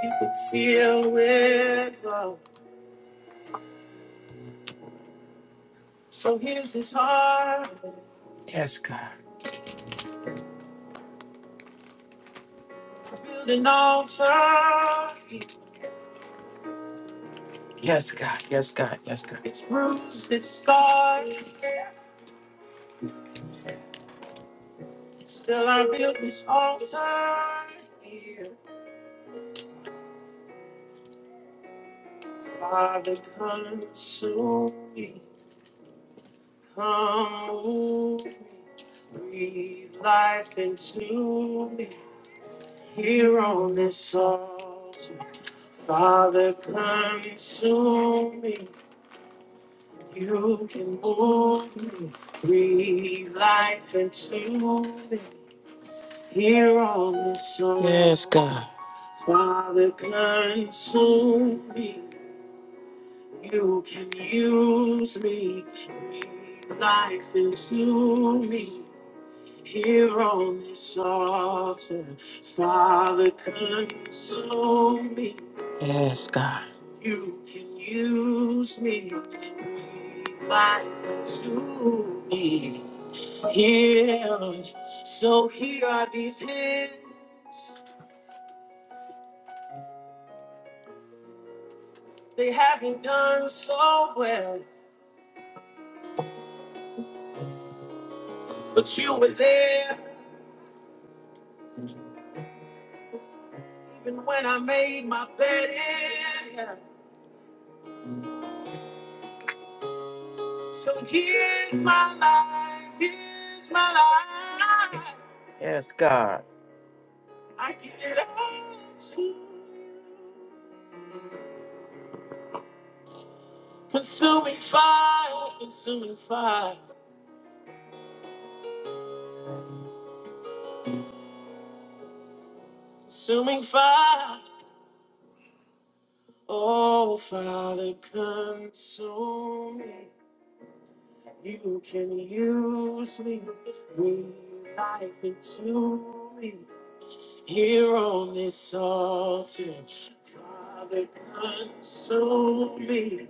He could feel with love. So here's his heart. Yes, God. To build an altar. Yes, God. Yes, God. Yes, God. It's bruised, it's scarred. Still, I built this altar here. Father, consume me. Come move me. Breathe life into me. Here on this altar. Father, consume me. You can move, breathe life into me here on this earth. Yes, God. Father, consume me. You can use me, breathe life into me here on this altar, Father, consume me. Yes, God. You can use me, breathe life into me. Here, so here are these hands. They haven't done so well, but you were there even when I made my bed. in hell. So here's my life, here's my life. Yes, God. I give it all to you. Consuming fire, consuming fire, consuming fire. Oh, Father, consume me. You can use me, breathe life into me. Here on this altar, Father, consume me.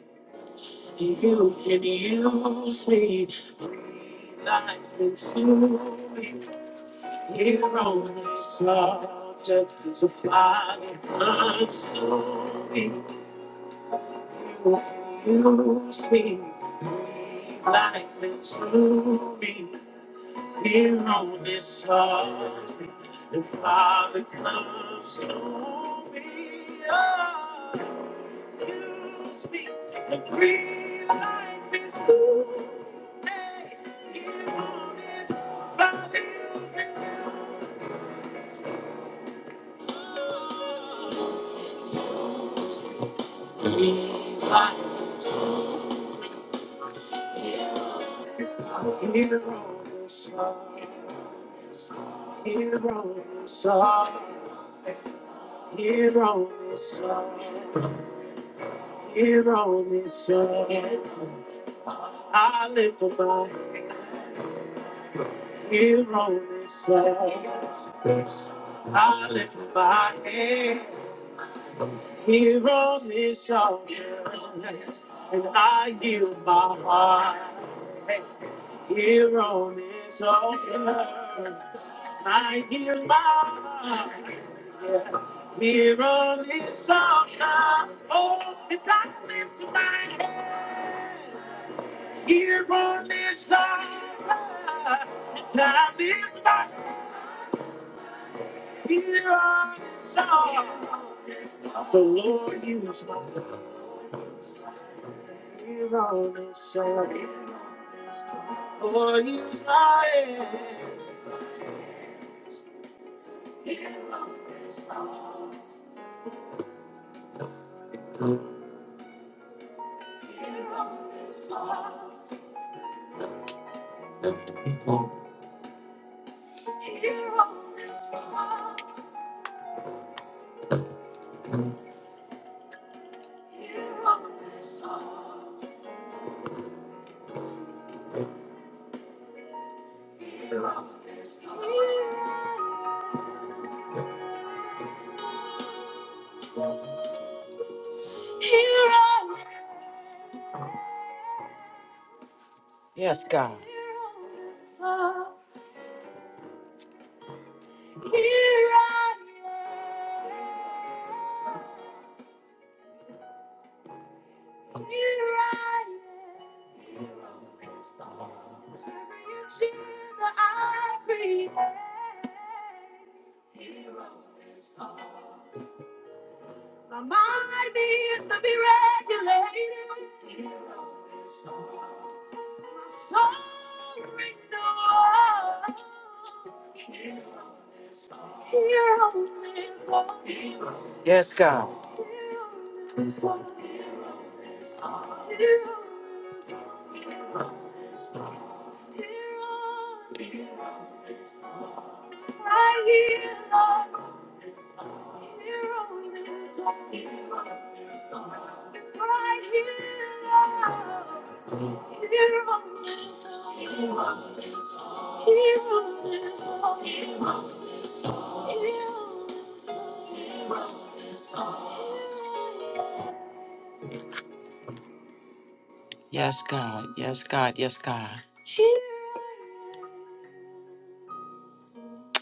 You can use me, breathe life into me. Here on this altar, so Father, console me. You can use me, breathe life into me. Here on this altar, and Father, console me. Oh, use me, and breathe life into me. I lift up my hero this I lift up my head. Hear a misogynist, and I yield my heart. Hear a misogynist, I yield my heart. Yeah. Hear a misogynist, oh, the darkness to my head. Hear a misogynist, time is my Hear a misogynist, so Lord, use my heart. hear a misogynist. Lord, you try Yes, God. My mind needs to be regulated. My soul renewed. Yes, God. Yes, God. Yes, God. Yes, God.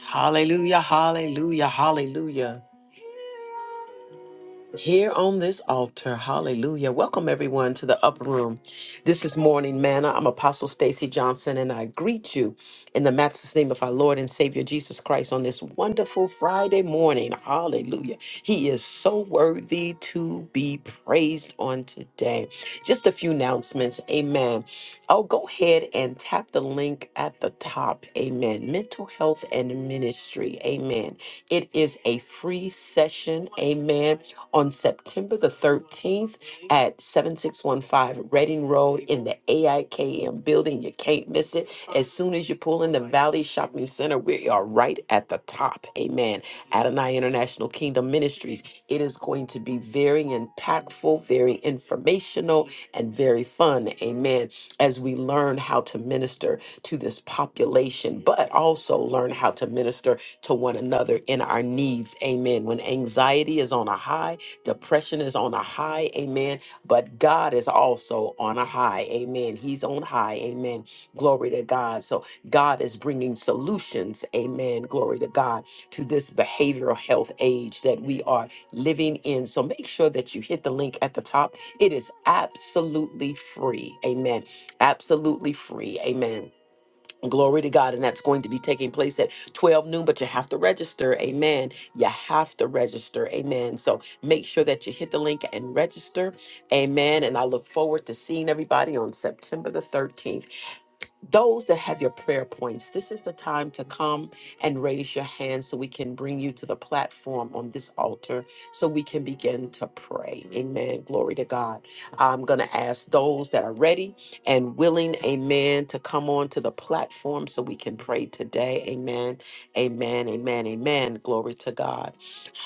Hallelujah. Hallelujah. Hallelujah. here on this altar. Hallelujah. Welcome everyone to the upper room. This is Morning Manna. I'm Apostle Stacy Johnson and I greet you in the matchless name of our Lord and Savior Jesus Christ on this wonderful Friday morning. Hallelujah. He is so worthy to be praised on today. Just a few announcements. Amen. Oh, go ahead and tap the link at the top. Amen. Mental health and ministry. Amen. It is a free session. Amen on September the 13th at 7615 Reading Road in the AIKM building. You can't miss it. As soon as you pull in the Valley Shopping Center, we are right at the top. Amen. Adonai International Kingdom Ministries. It is going to be very impactful, very informational, and very fun. Amen. As we learn how to minister to this population, but also learn how to minister to one another in our needs. Amen. When anxiety is on a high, Depression is on a high, amen. But God is also on a high, amen. He's on high, amen. Glory to God. So God is bringing solutions, amen. Glory to God to this behavioral health age that we are living in. So make sure that you hit the link at the top. It is absolutely free, amen. Absolutely free, amen Glory to God. And that's going to be taking place at 12 noon, but you have to register. Amen. You have to register. Amen. So make sure that you hit the link and register. Amen. And I look forward to seeing everybody on September the 13th those that have your prayer points, this is the time to come and raise your hand so we can bring you to the platform on this altar so we can begin to pray. Amen. Glory to God. I'm going to ask those that are ready and willing, amen, to come on to the platform so we can pray today. Amen. Amen. Amen. Amen. Glory to God.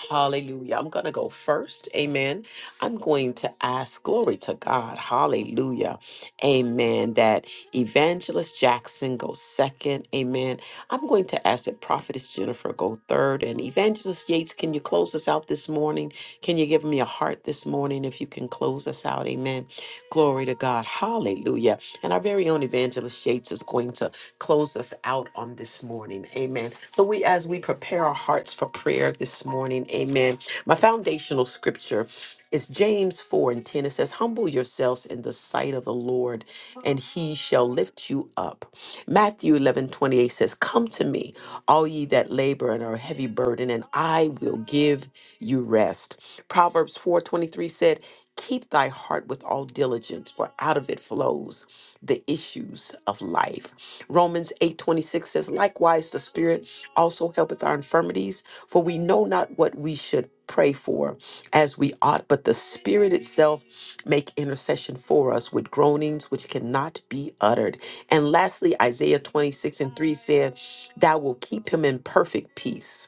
Hallelujah. I'm going to go first. Amen I'm going to ask, glory to God, hallelujah, amen, that Evangelist Jackson go second, amen. I'm going to ask that Prophetess Jennifer go third, and Evangelist Yates, can you close us out this morning? Can you give me a heart this morning if you can close us out, amen? Glory to God, hallelujah. And our very own Evangelist Yates is going to close us out on this morning, amen. So we, as we prepare our hearts for prayer this morning, amen, my foundational scripture. It's James 4 and 10. It says, Humble yourselves in the sight of the Lord, and he shall lift you up. Matthew 11 28 says, Come to me, all ye that labor and are heavy burden, and I will give you rest. Proverbs 4 23 said, Keep thy heart with all diligence, for out of it flows the issues of life. Romans 8:26 says, "Likewise the Spirit also helpeth our infirmities, for we know not what we should pray for as we ought, but the Spirit itself make intercession for us with groanings which cannot be uttered." And lastly, Isaiah 26 and 3 said, "Thou will keep him in perfect peace."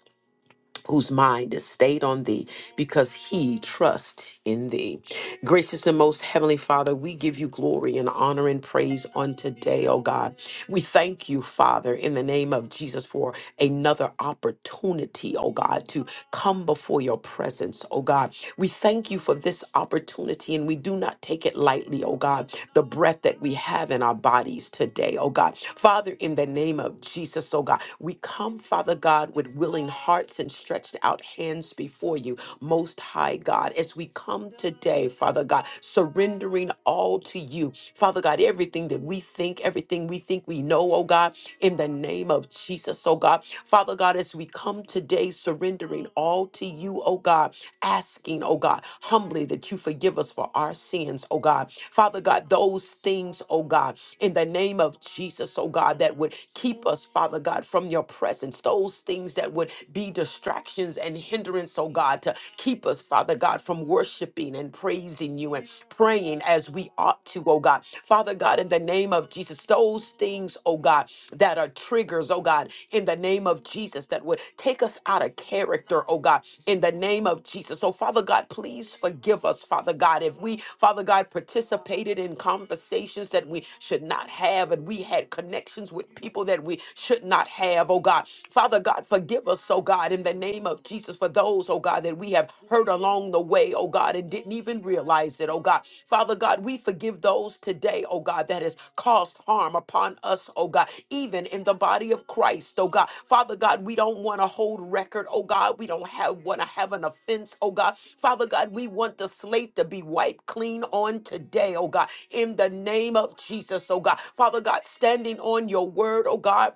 whose mind is stayed on thee because he trusts in thee. Gracious and most heavenly Father, we give you glory and honor and praise on today, oh God. We thank you, Father, in the name of Jesus for another opportunity, oh God, to come before your presence, oh God. We thank you for this opportunity and we do not take it lightly, oh God, the breath that we have in our bodies today, oh God. Father, in the name of Jesus, oh God, we come, Father God, with willing willing hearts and stretched out hands before you, Most High God, as we come today, Father God, surrendering all to you, Father God, everything that we think, everything we think we know, oh God, in the name of Jesus, oh God. Father God, as we come today, surrendering all to you, oh God, asking, oh God, humbly that you forgive us for our sins, oh God. Father God, those things, oh God, in the name of Jesus, oh God, that would keep us, Father God, from your presence those things that would be distractions and hindrance, oh God, to keep us, Father God, from worshiping and praising you and praying as we ought to, oh God. Father God, in the name of Jesus, those things, oh God, that are triggers, oh God, in the name of Jesus, that would take us out of character, oh God, in the name of Jesus. So, Father God, please forgive us, Father God, if we, Father God, participated in conversations that we should not have and we had connections with people that we should not have have, oh God. Father God, forgive us, oh God, in the name of Jesus, for those, oh God, that we have hurt along the way, oh God, and didn't even realize it, oh God. Father God, we forgive those today, oh God, that has caused harm upon us, oh God, even in the body of Christ, oh God. Father God, we don't want to hold record, oh God. We don't have want to have an offense, oh God. Father God, we want the slate to be wiped clean on today, oh God, in the name of Jesus, oh God. Father God, standing on your word, oh God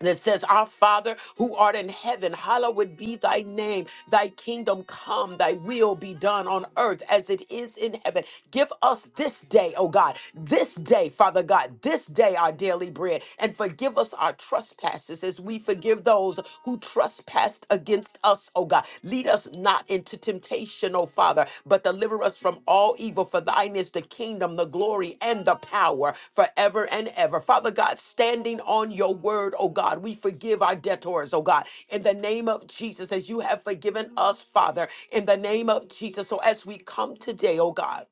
that says, Our Father who art in heaven, hallowed be thy name. Thy kingdom come, thy will be done on earth as it is in heaven. Give us this day, oh God, this day, Father God, this day our daily bread, and forgive us our trespasses as we forgive those who trespass against us, oh God. Lead us not into temptation, O Father, but deliver us from all evil. For thine is the kingdom, the glory, and the power forever and ever. Father God, standing on your word, O God, we forgive our debtors, O God, in the name of Jesus, as you have forgiven us, Father, in the name of Jesus. So as we come today, O God,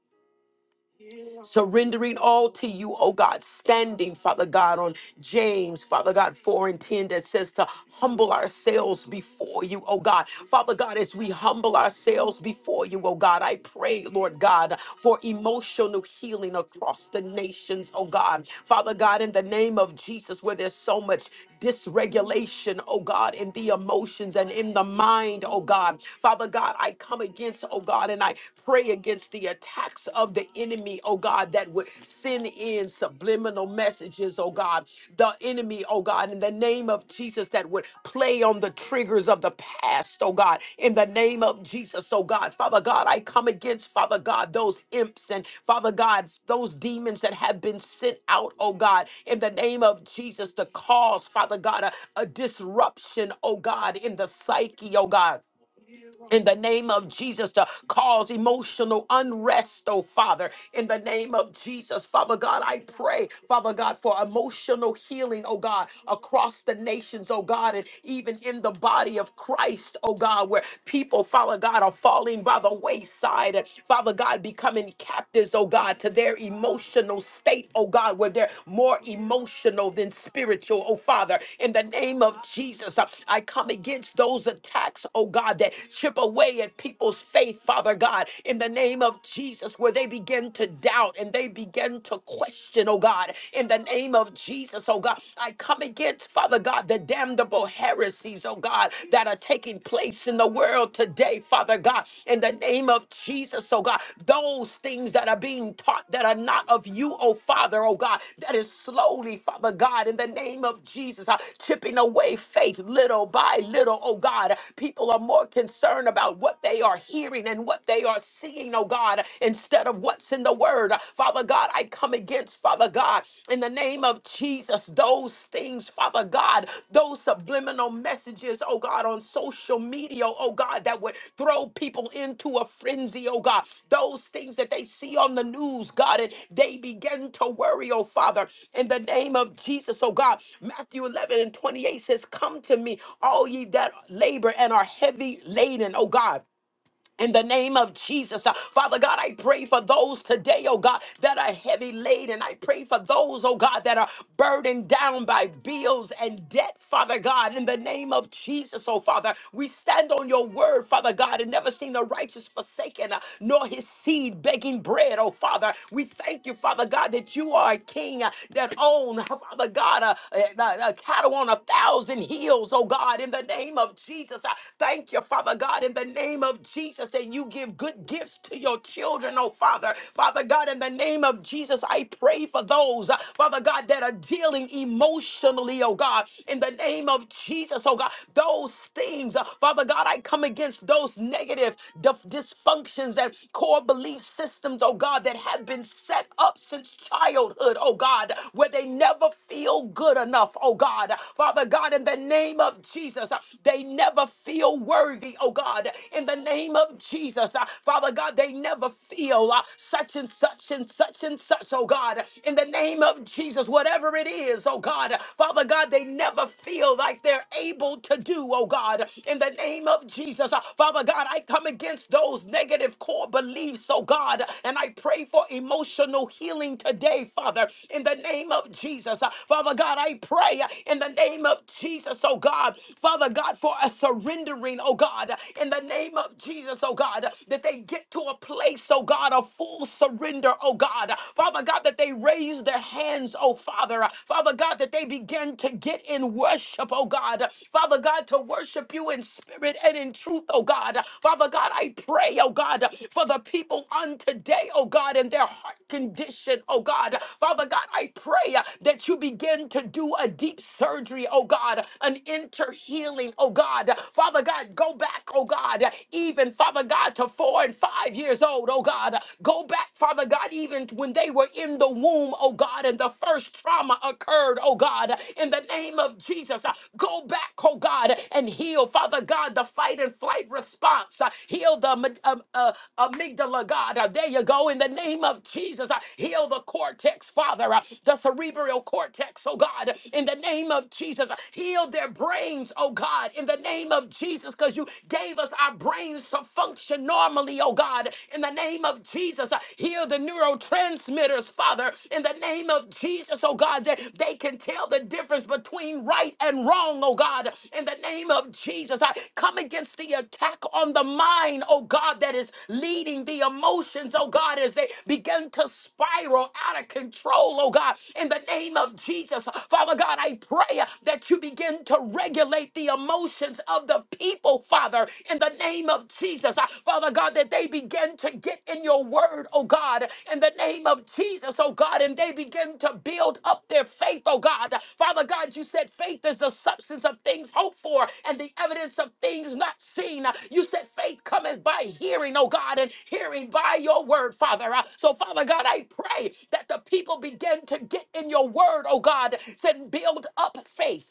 surrendering all to you, oh God, standing, Father God, on James, Father God, 4 and 10 that says to humble ourselves before you, oh God. Father God, as we humble ourselves before you, oh God, I pray, Lord God, for emotional healing across the nations, oh God. Father God, in the name of Jesus, where there's so much dysregulation, oh God, in the emotions and in the mind, oh God. Father God, I come against, oh God, and I Pray against the attacks of the enemy, oh God, that would send in subliminal messages, oh God. The enemy, oh God, in the name of Jesus, that would play on the triggers of the past, oh God. In the name of Jesus, oh God. Father God, I come against, Father God, those imps and Father God, those demons that have been sent out, oh God, in the name of Jesus to cause, Father God, a, a disruption, oh God, in the psyche, oh God in the name of Jesus to cause emotional unrest, oh Father. In the name of Jesus, Father God, I pray, Father God, for emotional healing, oh God, across the nations, oh God, and even in the body of Christ, oh God, where people, Father God, are falling by the wayside, and Father God, becoming captives, oh God, to their emotional state, oh God, where they're more emotional than spiritual, oh Father. In the name of Jesus, uh, I come against those attacks, oh God, that chip away at people's faith, Father God. In the name of Jesus, where they begin to doubt and they begin to question, oh God. In the name of Jesus, oh God, I come against, Father God, the damnable heresies, oh God, that are taking place in the world today, today, Father God, in the name of Jesus, oh God. Those things that are being taught that are not of you, oh Father, oh God, that is slowly, Father God, in the name of Jesus, uh, chipping away faith little by little, oh God. People are more concerned about what they are hearing and what they are seeing, oh God, instead of what's in the word. Father God, I come against, Father God, in the name name of Jesus, those things, Father God, those subliminal messages, oh God, on social media, oh God, that would throw people into a frenzy, oh God, those things that they see on the news, God, and they begin to worry, oh Father, in the name of Jesus, oh God. Matthew 11 and 28 says, Come to me, all ye that labor and are heavy laden, oh God in the name of Jesus, Uh, Father God, I pray for those today, oh God, that are heavy laden. I pray for those, oh God, that are burdened down by bills and debt, Father God. In the name of Jesus, oh Father, we stand on your word, Father God, and never seen the righteous forsaken, uh, nor his seed begging bread, oh Father. We thank you, Father God, that you are a king uh, that own, uh, Father God, uh, uh, uh, cattle on a thousand hills, oh God. In the name of Jesus, I thank you, Father God, in the name name of Jesus that you give good gifts to your children, oh Father. Father God, in the name of Jesus, I pray for those, uh, Father God, that are dealing emotionally, oh God, in the name of Jesus, oh God, those things, uh, Father God, I come against those negative dif- dysfunctions and core belief systems, oh God, that have been set up since childhood, oh God, where they never feel good enough, oh God. Father God, in the name of Jesus, uh, they never feel worthy, oh oh God, in the name of Jesus. Uh, Father God, they never feel uh, such and such and such and such, oh God, in the name of Jesus, whatever it is, oh God. Father God, they never feel like they're able to do, oh God, in the name of Jesus. Uh, Father God, I come against those negative core beliefs, oh God, and I pray for emotional healing today, Father, in the name of Jesus. Uh, Father God, I pray uh, in the name of Jesus, oh God, Father God, for a surrender surrendering, oh God, in the name of Jesus, oh God, that they get to a place, oh God, of full surrender, oh God. Father God, that they raise their hands, oh Father. Father God, that they begin to get in worship, oh God. Father God, to worship you in spirit and in truth, oh God. Father God, I pray, oh God, for the people on today, oh God, and their heart condition, oh God. Father God, I pray uh, that you begin to do a deep surgery, oh God, an inter healing, oh God. God. Father God, go back, oh God, even, Father God, to four and five years old, oh God. Go back, Father God, even when they were in the womb, oh God, and the first trauma occurred, oh God, in the name of Jesus. uh, Go back, oh God, and heal, Father God, the fight and flight response. uh, Heal the am- um, uh, amygdala, God. Uh, There you go, in the name of Jesus. uh, Heal the cortex, Father, uh, the cerebral cortex, oh God, in the name of Jesus. uh, Heal their brains, oh oh God, in the name of Jesus, because you gave us our brains to function normally, oh God, in the name of Jesus. uh, Heal the neurotransmitters, Father, in the name of Jesus, oh God, that they can tell the difference between right and wrong, oh God, in the name of Jesus. I come against the attack on the mind, oh God, that is leading the emotions, oh God, as they begin to spiral out of control, oh God, in the name of Jesus. Father God, I pray that you begin to to regulate the emotions of the people, Father, in the name of Jesus. Uh, Father God, that they begin to get in your word, oh God, in the name of Jesus, oh God, and they begin to build up their faith, oh God. Father God, you said faith is the substance of things hoped for and the evidence of things not seen. Uh, You said faith cometh by hearing, oh God, and hearing by your word, Father. Uh, So, Father God, I pray that the people begin to get in your word, oh God, and build up faith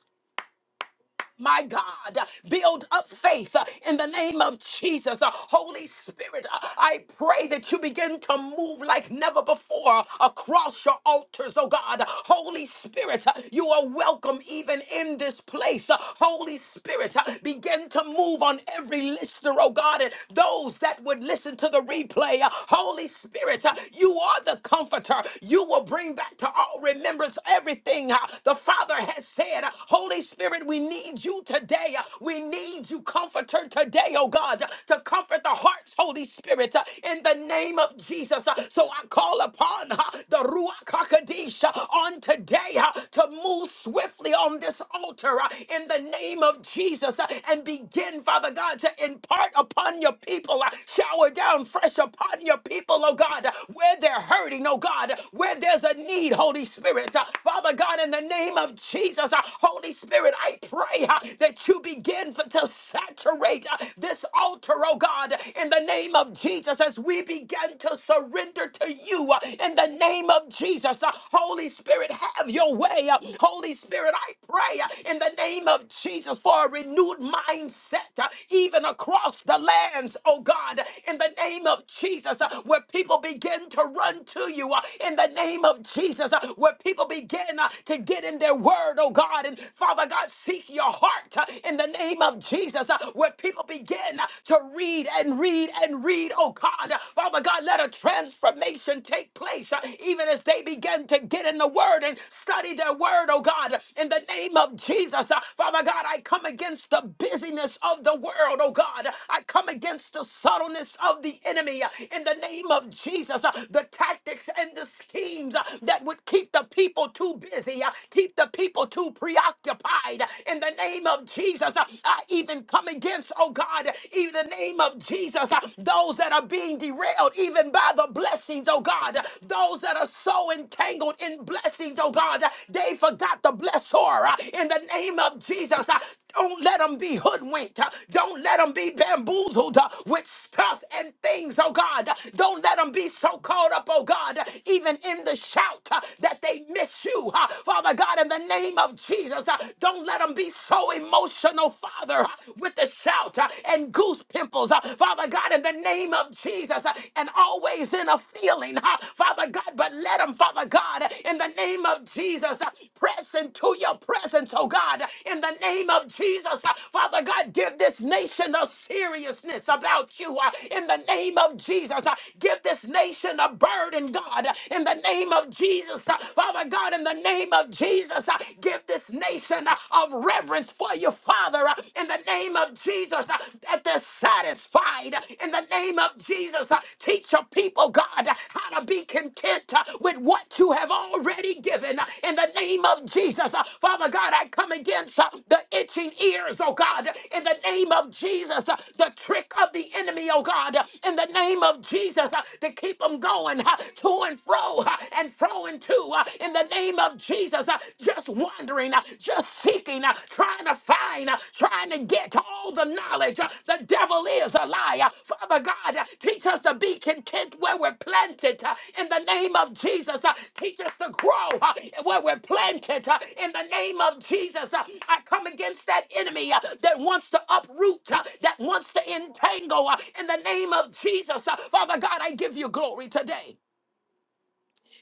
my God. Uh, Build up faith uh, in the name of Jesus. Uh, Holy Spirit, uh, I pray that you begin to move like never before across your altars, oh God. Holy Spirit, uh, you are welcome even in this place. Uh, Holy Spirit, uh, begin to move on every listener, oh God, and those that would listen to the replay. Uh, Holy Spirit, uh, you are the comforter. You will bring back to all remembrance everything uh, the Father has said. Holy Spirit, Spirit, we need you today. We need you, Comforter, today, oh God, to comfort the hearts, Holy Spirit, in the name of Jesus. So I call upon uh, the Ruach HaKodesh uh, on today uh, to move swiftly on this altar uh, in the name of Jesus uh, and begin, Father God, to impart upon your people, uh, shower down fresh upon your people, oh God, uh, where they're hurting, oh God, where there's a need, Holy Spirit. Uh, Father God, in the name of Jesus, uh, uh, Holy Spirit, I pray uh, that you begin to to saturate uh, this altar, oh God, in the name of Jesus, as we begin to surrender to you uh, in the name of Jesus. Uh, Holy Spirit, have your way. Uh, Holy Spirit, I pray uh, in the name of Jesus for a renewed mindset, uh, even across the lands, oh God, in the name of Jesus, uh, where people begin to run to you, uh, in the name of Jesus, uh, where people begin uh, to get in their in their word, oh God. And Father God, seek your heart uh, in the name of Jesus, uh, where people begin uh, to read and read and read, oh God. Uh, Father God, let a transformation take place uh, even as they begin to get in the word and study their word, oh God. In the name of Jesus, uh, Father God, I come against the busyness of the world, oh God. I come against the subtleness of the enemy uh, in the name of Jesus, uh, the tactics and the schemes uh, that would keep the people too busy busy. uh, Keep the people too preoccupied. In the name of Jesus, uh, I even come against, oh God, in the name of Jesus, uh, those that are being derailed even by the blessings, oh God, those that are so entangled in blessings, oh God, they forgot the blessor. uh, In the name of Jesus, uh, don't let them be hoodwinked. uh, Don't let them be bamboozled uh, with stuff and things, oh God. Don't let them be so caught up, oh God, even in the shout uh, that they they miss you. huh? Father God, in the name of Jesus, huh, don't let them be so emotional, Father, huh, with the shout huh, and goose pimples. huh, Father God, in the name of Jesus, huh, and always in a feeling, huh, Father God, but let them, Father God, uh, in the name of Jesus, huh, press into your presence, oh God, uh, in the name of Jesus, huh, Father God, give this nation a seriousness about you huh, in the name of Jesus. huh, Give this nation a burden, God, uh, in the name of of Jesus. uh, Father God, in the name of Jesus, uh, give this nation uh, of reverence for you, Father, uh, in the name of Jesus, uh, that they're satisfied. uh, In the name of Jesus, uh, teach your people, God, uh, how to be content uh, with what you have already given. uh, In the name of Jesus, uh, Father God, I come against uh, the itching ears, oh God, in the name of Jesus, uh, the trick of the enemy, oh God, in the name of Jesus, uh, to keep them going uh, to and fro fro uh, and fro into uh, in the name of Jesus. uh, Just wandering, uh, just seeking, uh, trying to find, uh, trying to get to all the knowledge. uh, The devil is a liar. Father God, uh, teach us to be content where we're planted uh, in the name of Jesus. uh, Teach us to grow uh, where we're planted uh, in the name of Jesus. uh, I come against that enemy uh, that wants to uproot, uh, that wants to entangle uh, in the name of Jesus. uh, Father God, I give you glory today.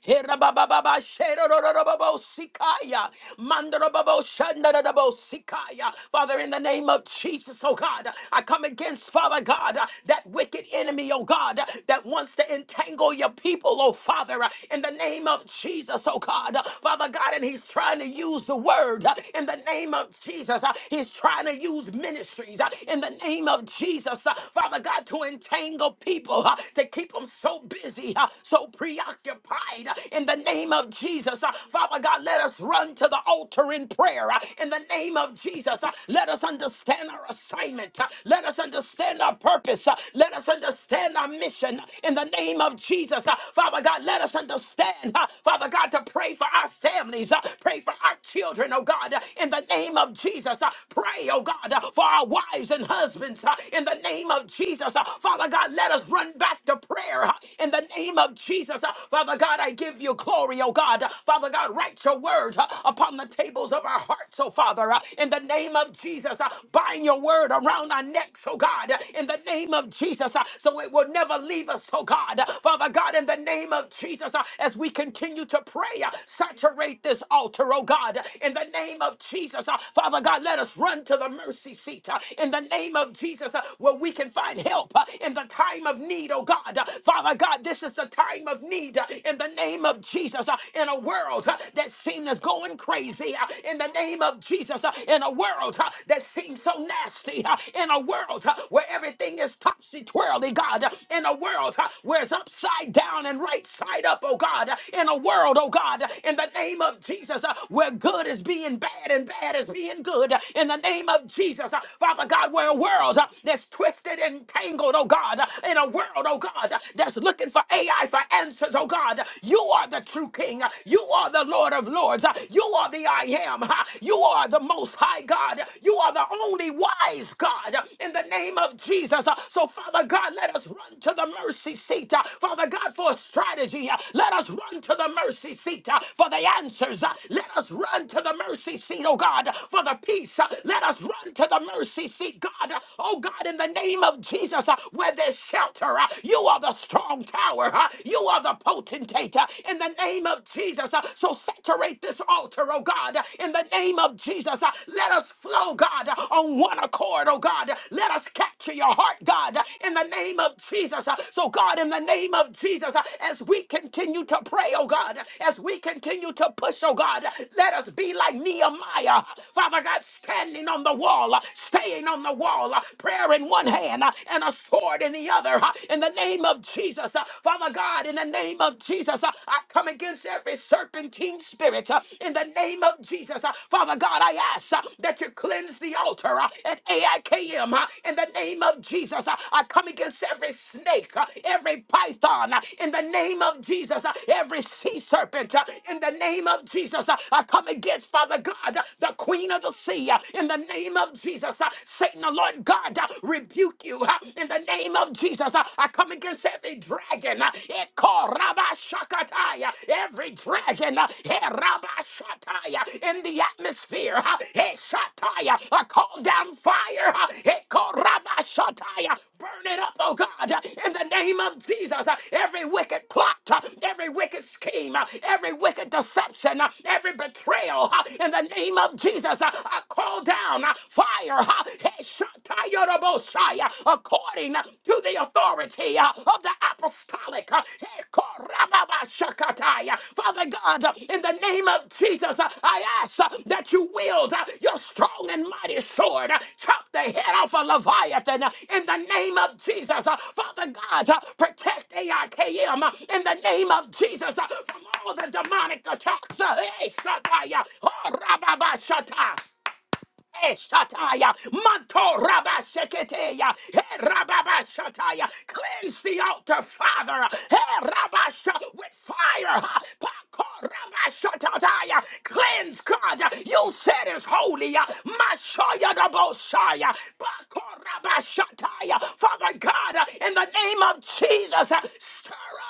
Herabababa, sherorororobo, sikaya, mandorobobo, shandorobo, sikaya. Father, in the name of Jesus, oh God, I come against, Father God, that wicked enemy, oh God, that wants to entangle your people, oh Father, in the name of Jesus, oh God. Father God, and he's trying to use the word uh, in the name of Jesus. uh, He's trying to use ministries uh, in the name of Jesus, uh, Father God, to entangle people, uh, to keep them so busy, uh, so preoccupied preoccupied uh, in the name of Jesus. Uh, Father God, let us run to the altar in prayer uh, in the name of Jesus. Uh, Let us understand our assignment. Uh, Let us understand our purpose. Uh, Let us understand our mission uh, in the name of Jesus. Uh, Father God, let us understand, uh, Father God, to pray for our families, uh, pray for our children, oh God, uh, in the name of Jesus. Uh, Pray, oh God, uh, for our wives and husbands uh, in the name of Jesus. Uh, Father God, let us run back to prayer uh, in the name of Jesus. Uh, Father God, I give you glory, oh God. Uh, Father God, write your word uh, upon the tables of our hearts, oh Father, Uh, in the name of Jesus. uh, Bind your word around our necks, oh God, Uh, in the name of Jesus, uh, so it will never leave us, oh God. Uh, Father God, in the name of Jesus, uh, as we continue to pray, uh, saturate this altar, oh God, Uh, in the name of Jesus. uh, Father God, let us run to the mercy seat uh, in the name of Jesus, uh, where we can find help uh, in the time of need, oh God. Uh, Father God, this is the time of need uh, in the name of Jesus. uh, In a world uh, that seems going crazy, uh, in the name of Jesus. uh, In a world uh, that seems so nasty, uh, in a world uh, where everything is topsy twirly, God. uh, In a world uh, where it's upside down and right side up, oh God. uh, In a world, oh God, uh, in the name of Jesus, uh, where good is being bad and bad is being good. uh, In the name of Jesus, uh, Father God, we're a world uh, that's twisted and tangled, oh God. God, in a world, oh God, that's looking for AI for answers, oh God. You are the true King. You are the Lord of Lords. You are the I am. You are the most high God. You are the only wise God in the name of Jesus. So, Father God, let us run to the mercy seat. Father God, for a strategy. Uh, Let us run to the mercy seat uh, for the answers. Uh, Let us run to the mercy seat, oh God, for the peace. Uh, Let us run to the mercy seat, God. Uh, Oh God, in the name of Jesus, uh, where there's shelter, uh, you are the strong tower. uh, You are the potentate. uh, In the name of Jesus, uh, so saturate this altar, oh God. uh, In the name of Jesus, uh, let us flow, God, uh, on one accord, oh God. Let us catch to your heart, God, in the name of Jesus. So, God, in the name of Jesus, as we continue to pray, oh God, as we continue to push, oh God, let us be like Nehemiah, Father God, standing on the wall, staying on the wall, prayer in one hand and a sword in the other, in the name of Jesus. Father God, in the name of Jesus, I come against every serpentine spirit, in the name of Jesus. Father Father God, I ask uh, that you cleanse the altar uh, at AIKM uh, in the name of Jesus. Uh, I come against every snake, uh, every python uh, in the name of Jesus, uh, every sea serpent uh, in the name of Jesus. Uh, I come against, Father God, uh, the queen of the sea uh, in the name of Jesus. Uh, Satan, the Lord God, uh, rebuke you uh, in the name of Jesus. Uh, I come against every dragon. uh, sakataya, every dragon uh, eh, rabba shataya, in the atmosphere, uh, eh, shataya, uh, call down fire, uh, eh, ko rabba shataya, burn it up, oh God, uh, in the name of Jesus. uh, Every wicked plot, uh, every wicked scheme, uh, every wicked deception, uh, every betrayal, uh, in the name of Jesus, uh, I call down uh, fire, uh, hey, according to the authority uh, of the apostolic. uh, Hekorababashakataya. Father God, uh, in the name of Jesus, uh, I ask uh, that you wield uh, your strong and mighty sword, uh, chop the head off a Leviathan uh, in the name of Jesus. uh, Father God, uh, protect AIKM uh, in the name of Jesus uh, from all the demonic attacks. uh, eh, Shataya, oh, Rababashata. Eshataya, Manto Rabba Sheketeya, He Rababa cleanse the altar, Father, He Rabba with fire, Pako Rabba cleanse God, you said is holy, Mashoya Dabosaya, Pako Rabba Shataya, Father God, in the name of Jesus, stir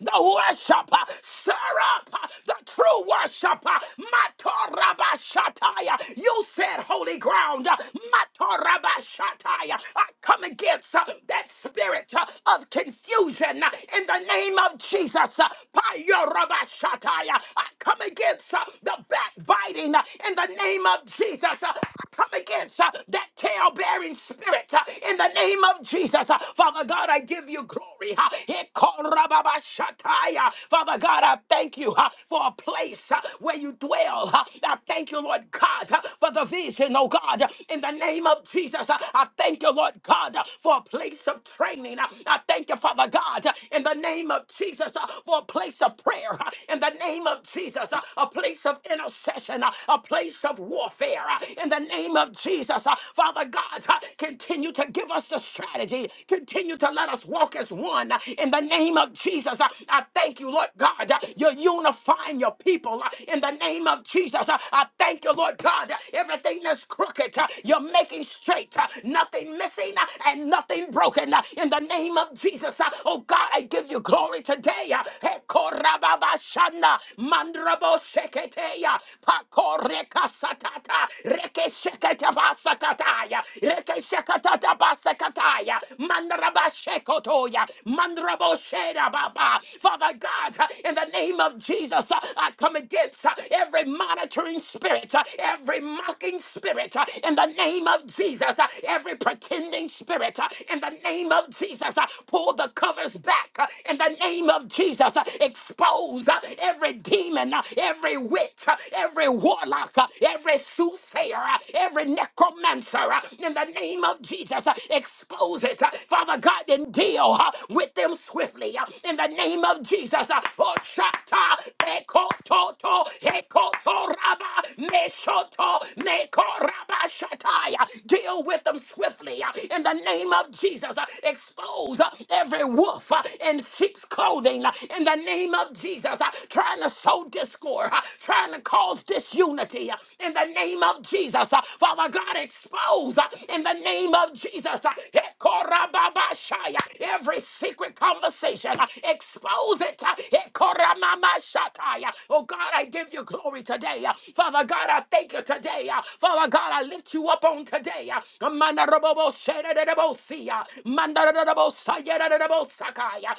the worshiper. Stir up the true worshiper. Matorabashataya. You said holy ground. Matorabashataya. I come against uh, that spirit uh, of confusion uh, in the name of Jesus. Uh, Payorabashataya. I come against uh, the backbiting uh, in the name of Jesus. Uh, I come against uh, that tail bearing spirit uh, in the name of Jesus. Uh, Father God, I give you glory. Ha. Ikorababashataya. Father God, I thank you ha, for a place ha, where you dwell. ha. I thank you, Lord God, ha, for the vision, oh God, in the name of Jesus. ha. I thank you, Lord God, ha, for a place of training. ha. I thank you, Father God, ha, in the name of Jesus, ha, for a place of prayer. ha. In the name of Jesus, ha, a place of intercession intercession, uh, a place of warfare. uh, In the name of Jesus, Uh, Father God, uh, continue to give us the strategy. Continue to let us walk as one. uh, In the name of Jesus, Uh, I thank you, Lord God. uh, You're unifying your people. uh, In the name of Jesus, Uh, I thank you, Lord God. uh, Everything that's crooked, uh, you're making straight. uh, Nothing missing uh, and nothing broken. uh, In the name of Jesus, Uh, oh God, I give you glory today. uh, Hekorababashana, mandrabosekaya, reketeya pako reka satata reke shekete basakataya reke shekatata basakataya mandraba shekotoya mandrabo shera baba Father God in the name of Jesus uh, I come against uh, every monitoring spirit uh, every mocking spirit uh, in the name of Jesus uh, every pretending spirit uh, in the name of Jesus uh, pull the covers back uh, in the name of Jesus uh, expose uh, every demon demon, uh, every witch, uh, every warlock, uh, every soothsayer, uh, every necromancer, uh, in the name of Jesus, uh, expose it. uh, Father God, and deal uh, with them swiftly. uh, In the name of Jesus, uh, oh, shata, ekototo, ekotoraba, mesoto, mekorabashataya. deal with them swiftly. uh, In the name of Jesus, uh, expose uh, every wolf uh, in sheep's clothing. uh, In the name of Jesus, leaders uh, trying to sow discord, uh, trying to cause disunity uh, in the name of Jesus. uh, Father God, expose uh, in the name of Jesus uh, Hekorababashaya, every secret conversation. uh, Expose it. uh, Hekoramamashakaya. Oh God, I give you glory today. uh, Father God, I thank you today. uh, Father God, I lift you up on today. uh, Mandarabobosheredebosia, mandarabosayerebosa- Sakaya,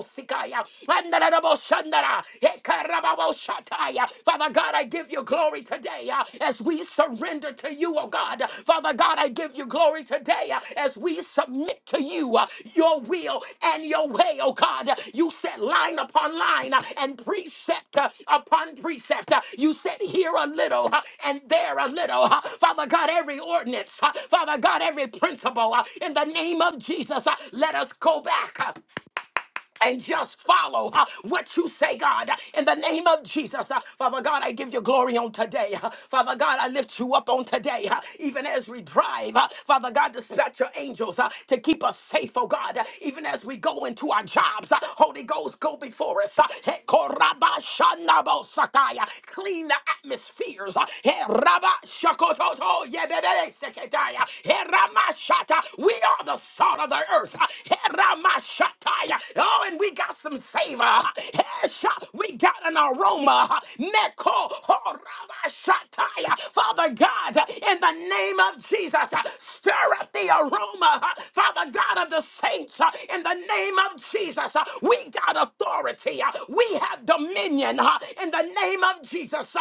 Sikaya, Andaraboshandara, Ekarababoshataya. Father God, I give you glory today uh, as we surrender to you, oh God. Father God, I give you glory today uh, as we submit to you uh, your will and your way, oh God. You said line upon line uh, and precept uh, upon precept. Uh, You said here a little uh, and there a little. uh, Father God, every ordinance, uh, Father God, every principle, uh, in the name of Jesus, uh, let us go back. uh, and just follow uh, what you say, God, uh, in the name of Jesus. uh, Father God, I give you glory on today. uh, Father God, I lift you up on today, uh, even as we drive. uh, Father God, dispatch your angels uh, to keep us safe, oh God, uh, even as we go into our jobs. uh, Holy Ghost, go before us. uh, He koraba Clean the atmospheres. uh, He raba shakototo Heramashata. We are the salt of the earth. Heramashataya. Oh, and we got some savor. Hesha. We got an aroma. Neko horamashataya. Father God, in the name of Jesus, stir up the aroma. Father God of the saints, in the name of Jesus, we got authority. We have dominion in the name of Jesus.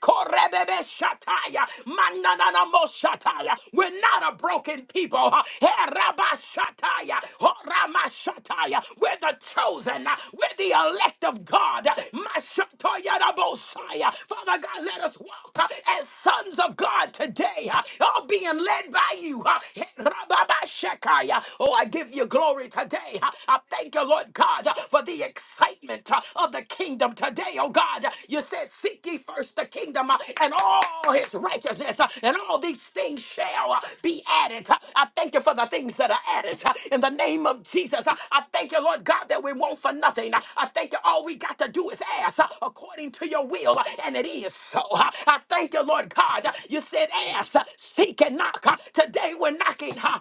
Korebebe shataya. Manananamo shataya. We're not a broken people. huh? Heraba shataya. Horama shataya. We're the chosen. huh? We're the elect of God. Mashatoya rabosaya. Father God, let us walk out uh, as sons of God today, uh, all being led by you. uh, Rababashakaya. Oh, I give you glory today. uh, I thank you, Lord God, uh, for the excitement uh, of the kingdom today, oh God. You said, Seek ye first the kingdom uh, and all his righteousness, uh, and all these things shall uh, be added. Uh, I thank you for the things that are added uh, in the name of Jesus. Uh, I thank you, Lord God, that we want for nothing. Uh, I thank you, all we got to do is ask uh, according to your will, uh, and it is so. Uh, I thank you, Lord God. Uh, You said, ask, uh, seek, and knock. Uh, Today we're knocking. uh,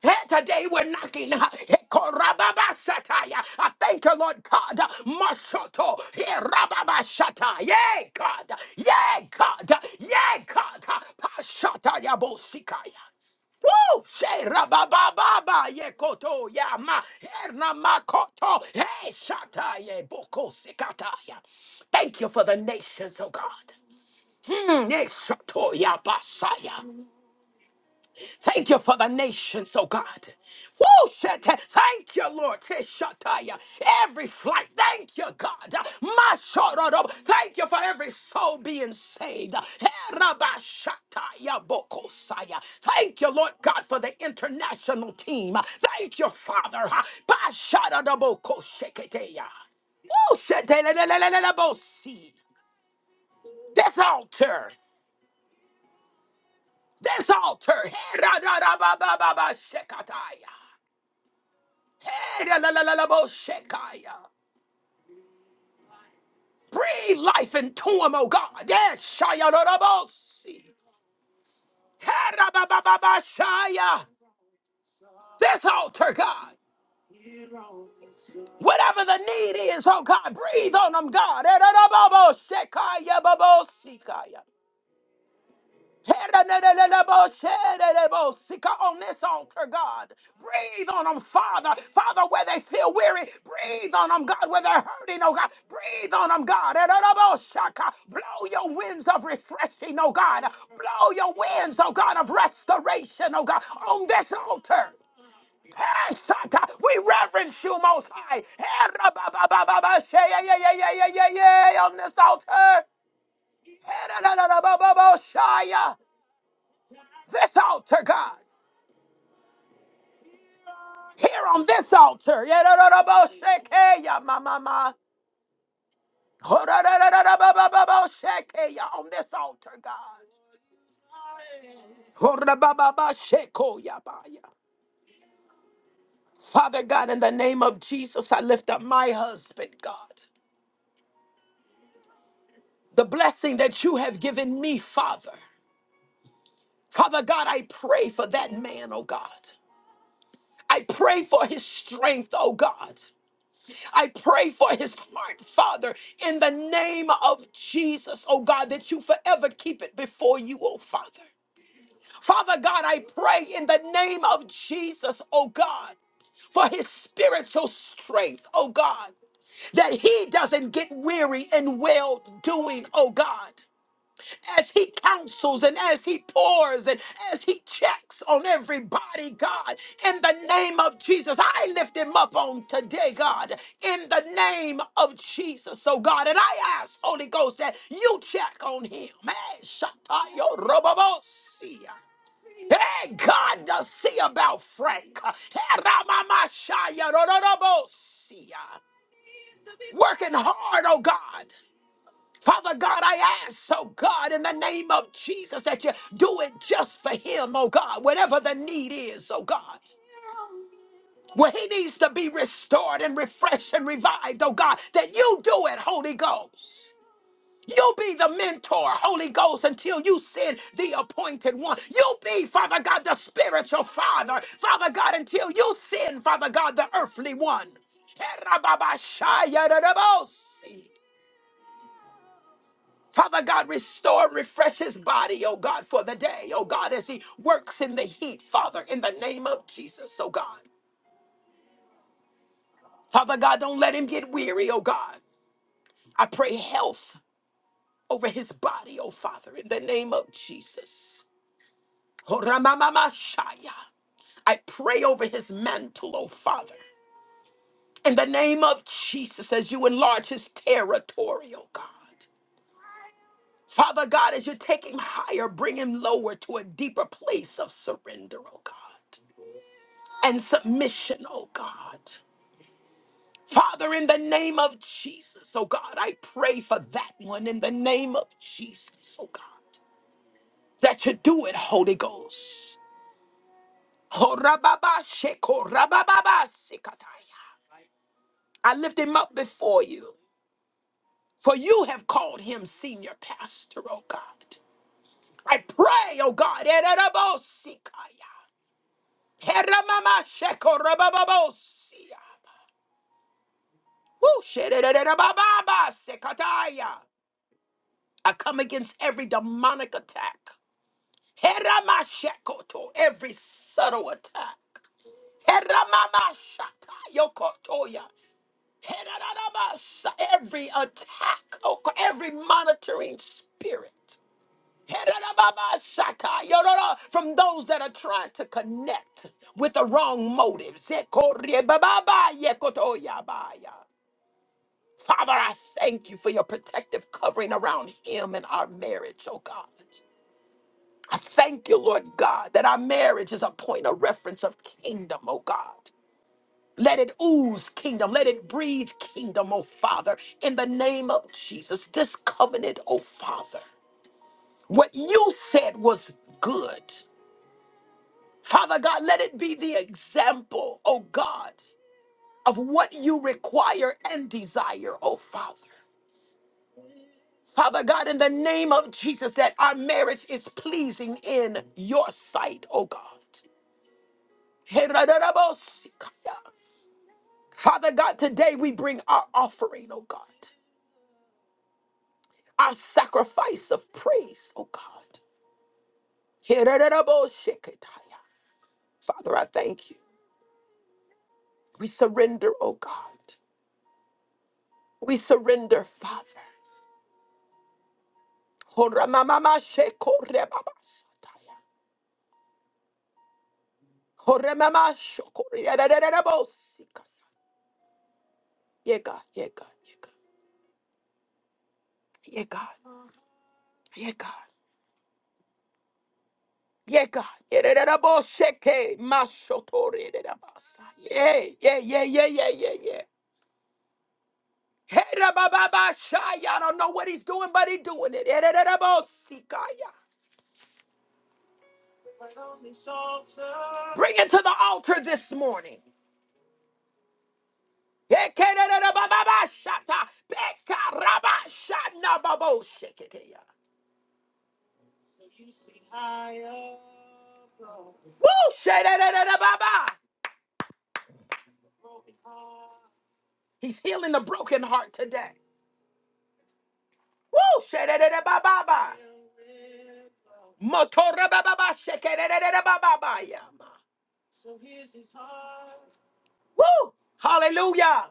Hey, Today we're knocking. Hekorababashataya. I thank you, Lord God. Mashoto. Herababashataya. Yay, God. Yay, God. Yay, God. Pashataya bosikaya. Woo! Sherabababa yekoto yama hernamakoto hey Shata shataye boko sikataya. Thank you for the nations, oh God. Mm, eh, shatoya basaya. Thank you for the nations, oh God. Woo, shit. Thank you, Lord. Teshataya. Every flight. Thank you, God. My Thank you for every soul being saved. Herabashataya bokosaya. Thank you, Lord God, for the international team. Thank you, Father. Basharadabokosheketeya. Woo, shit. Lelelelelelebosi. This altar. This altar. Herarabababashekataya. Breathe life into him, oh God. Yes, Shaya Rodobosi. Herabababashaya. This altar, God. Whatever the need is, oh God, breathe on them, God. Erodobobo Babosikaya. Sika on this altar, God. Breathe on them, Father. Father, where they feel weary, breathe on them, God. Where they're hurting, oh God, breathe on them, God. Shaka. Blow your winds of refreshing, oh God. Blow your winds, oh God, of restoration, oh God, on this altar. Hey, We reverence you, Most High. Hey, rabba ba ba ba On this altar. Hey, da, shaya this altar, God. Here on this altar. Yeah, my, my, my. On this altar, God. Hodabababashekoyabaya. Father God, in the name of Jesus, I lift up my husband, God. The blessing that you have given me, Father. Father God, I pray for that man, oh God. I pray for his strength, oh God. I pray for his heart, Father, in the name of Jesus, oh God, that you forever keep it before you, oh Father. Father God, I pray in the name of Jesus, oh God, for his spiritual strength, oh God, that he doesn't get weary in well doing, oh God as he counsels and as he pours and as he checks on everybody, God, in the name of Jesus, I lift him up on today, God, in the name of Jesus. So, God, and I ask, Holy Ghost, that you check on him. Hey, Shatayo Robobosia. Hey, God, to see about Frank. Hey, Ramamashaya Rorobosia. Working hard, oh God. Father God, I ask, oh God, in the name of Jesus, that you do it just for him, oh God, whatever the need is, oh God. Where he needs to be restored and refreshed and revived, oh God, that you do it, Holy Ghost. You be the mentor, Holy Ghost, until you send the appointed one. You be, Father God, the spiritual father, Father God, until you send, Father God, the earthly one. Father God, restore and refresh his body, oh God, for the day, oh God, as he works in the heat, Father, in the name of Jesus, oh God. Father God, don't let him get weary, oh God. I pray health over his body, oh Father, in the name of Jesus. Oh, Ramamamashaya. I pray over his mantle, oh Father, in the name of Jesus, as you enlarge his territory, oh God. Father God, as you take him higher, bring him lower to a deeper place of surrender, oh God. and submission, oh God. Father, in the name of Jesus, oh God, I pray for that one in the name of Jesus, oh God, that you do it, Holy Ghost. Ho rababa sheko rabababa sikataya. I lift him up before you, for you have called him senior pastor, oh God. I pray, oh God, ererabo sikaya. Heramama sheko rabababo siya. Woo, sherererababa sekataya. I come against every demonic attack. Heramashekoto, every subtle attack. Heramashataya, yokotoya. Herarabasa, Every attack, oko- every monitoring spirit. Herarababashata, yororo, From those that are trying to connect with the wrong motives. Zekorebababa, yekotoyabaya. Father, I thank you for your protective covering around him and our marriage, oh God. I thank you, Lord God, that our marriage is a point of reference of kingdom, oh God. Let it ooze kingdom. Let it breathe kingdom, oh Father, in the name of Jesus. This covenant, oh Father, what you said was good. Father God, let it be the example, oh God, of what you require and desire, oh Father. Father God, in the name of Jesus, that our marriage is pleasing in your sight, oh God. Father God, today we bring our offering, oh God, our sacrifice of praise, oh God. Father, I thank you. We surrender, oh God. We surrender, Father. Yeah, God, yeah, God, yeah, God. Yeah, God, yeah, God. Yeah, God. Yererabasheke, mashotorerabasa. Yeah, yeah, yeah, yeah, yeah, yeah, yeah. Herabababasha. I don't know what he's doing, but he's doing it. Yererabosikaya. Bring it to the altar this morning. Yekererabababashata, bekarabashanababoshiketeya. Woo! Shererababa. He's healing the broken heart today. Woo! Shedededebababa. Motorebababa, shekedededebababa. Woo! Hallelujah!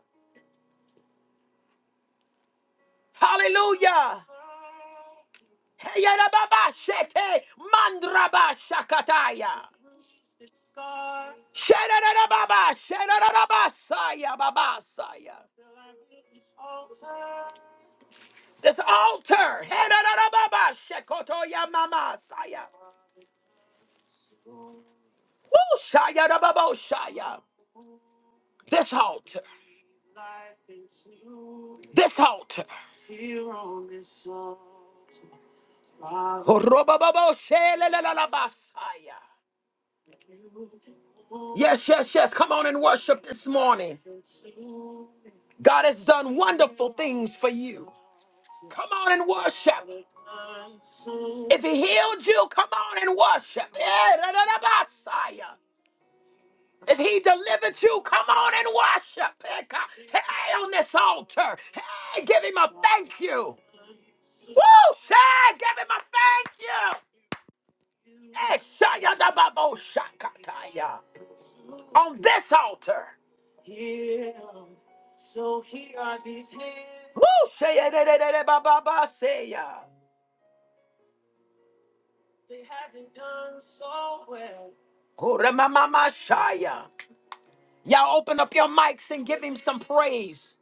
Hallelujah! Heyadababa, sheke, mandraba, shakataya. Shedadadababa, shedadadabasaya, babasaya. This altar. Hedarababa, shekotoya mama, saya. Woo, shaya rababo, shaya. This altar. This altar. Korobababo, shelelelelabasaya. Yes, yes, yes. Come on and worship this morning. God has done wonderful things for you. Come on and worship. If he healed you, come on and worship. Eh, da, da, da, Messiah. If he delivered you, come on and worship. Eh, God. Hey, on this altar. Hey, give him a thank you. Woo! Say, give him a thank you. Eh, shaya da ba bo shakataya. On this altar. Woo! Say, eh, da, da, da, da, ba, ba, ba, say, They haven't done so well. Kuremamamashaya. Y'all open up your mics and give him some praise.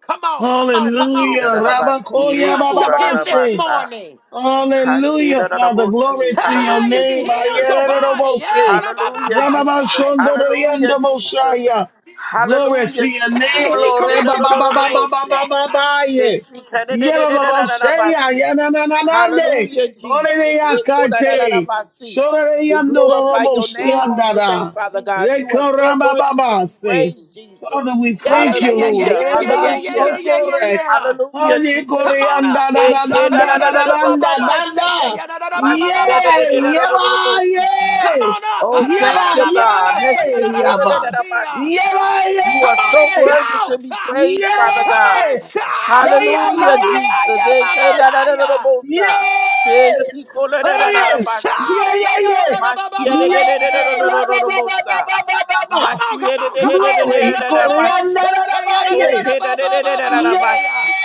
Come on, come on, come on. Hallelujah. Rabakoya Irararabasi, Worship him bababase. this kurararabasa. morning. Hallelujah, Father. Hashirararabosi. Glory to your Hey, if Hallelujah, he name. healed Jesus. your body, yeah, Ayerereboke. Hallelujah, Jesus. rabababashaya. Hallelujah, Jesus. Yes, Rababashondoriandemoshaya. Glory to Hallelujah, your name, hey, Jesus. if he Lord. corrected your Ekerorororobosi. mindset. Rebabababababababaye. Yebababashaya. Heshikarererererararabasi. Yanananande. Hallelujah, Jesus. Orereyakate. Ekorararabasi. We glorify your name on today, Sorereyandororoboshiandara. Father God. You are so worthy to be Rekorabababase. praised, Jesus. Father, we Yeah, yeah, thank yeah, you, yeah, Lord. yeah, Hallelujah. yeah, yeah, yeah, yeah, yeah, Hallelujah. yeah, yeah, Rebashokore. yeah. Hallelujah, Honey, Come Jesus. on Korean, up. da da Hey, da da da da da da da K-la-la-la-la-la-bosa. Hashatayarabababo, da da. Yay! sekeyarababababasaya. Yaba! Ma-si-ya-da-da-da-da-da-da-da-bosi. Come Yay! on up. Oh, thank Yaba! you, God. Yay! Yaba! He-she-ko-la-da-da-da-ba-si. Harararababababashayararabosia. Yaba! You Come are on so and Yay! worthy to shout. be Ah, Yay! praised, Father Come on God. Yeah! and shout. Ah, Yaba! Hallelujah, ba, ba, Yay! ba, Jesus. ya, Hey, ma, ma, ma, K-la-la-la-la-la-bosa. Hey, Yay! she ko la da Oh da Come da da da on yeah! and da shout. Yeah! Yeah! Yeah! ma si ya da Yeah! da da da da da da Ba Tayarararababababosia. da ba ba ba ba ba ba ba ba! Come on, come on, da da come on. Glory, da da da da da Yararabababo, Korean, da da da da! Okay. yeah, sekeyarararababababosia. da-da-da-da-da-da-da-basi.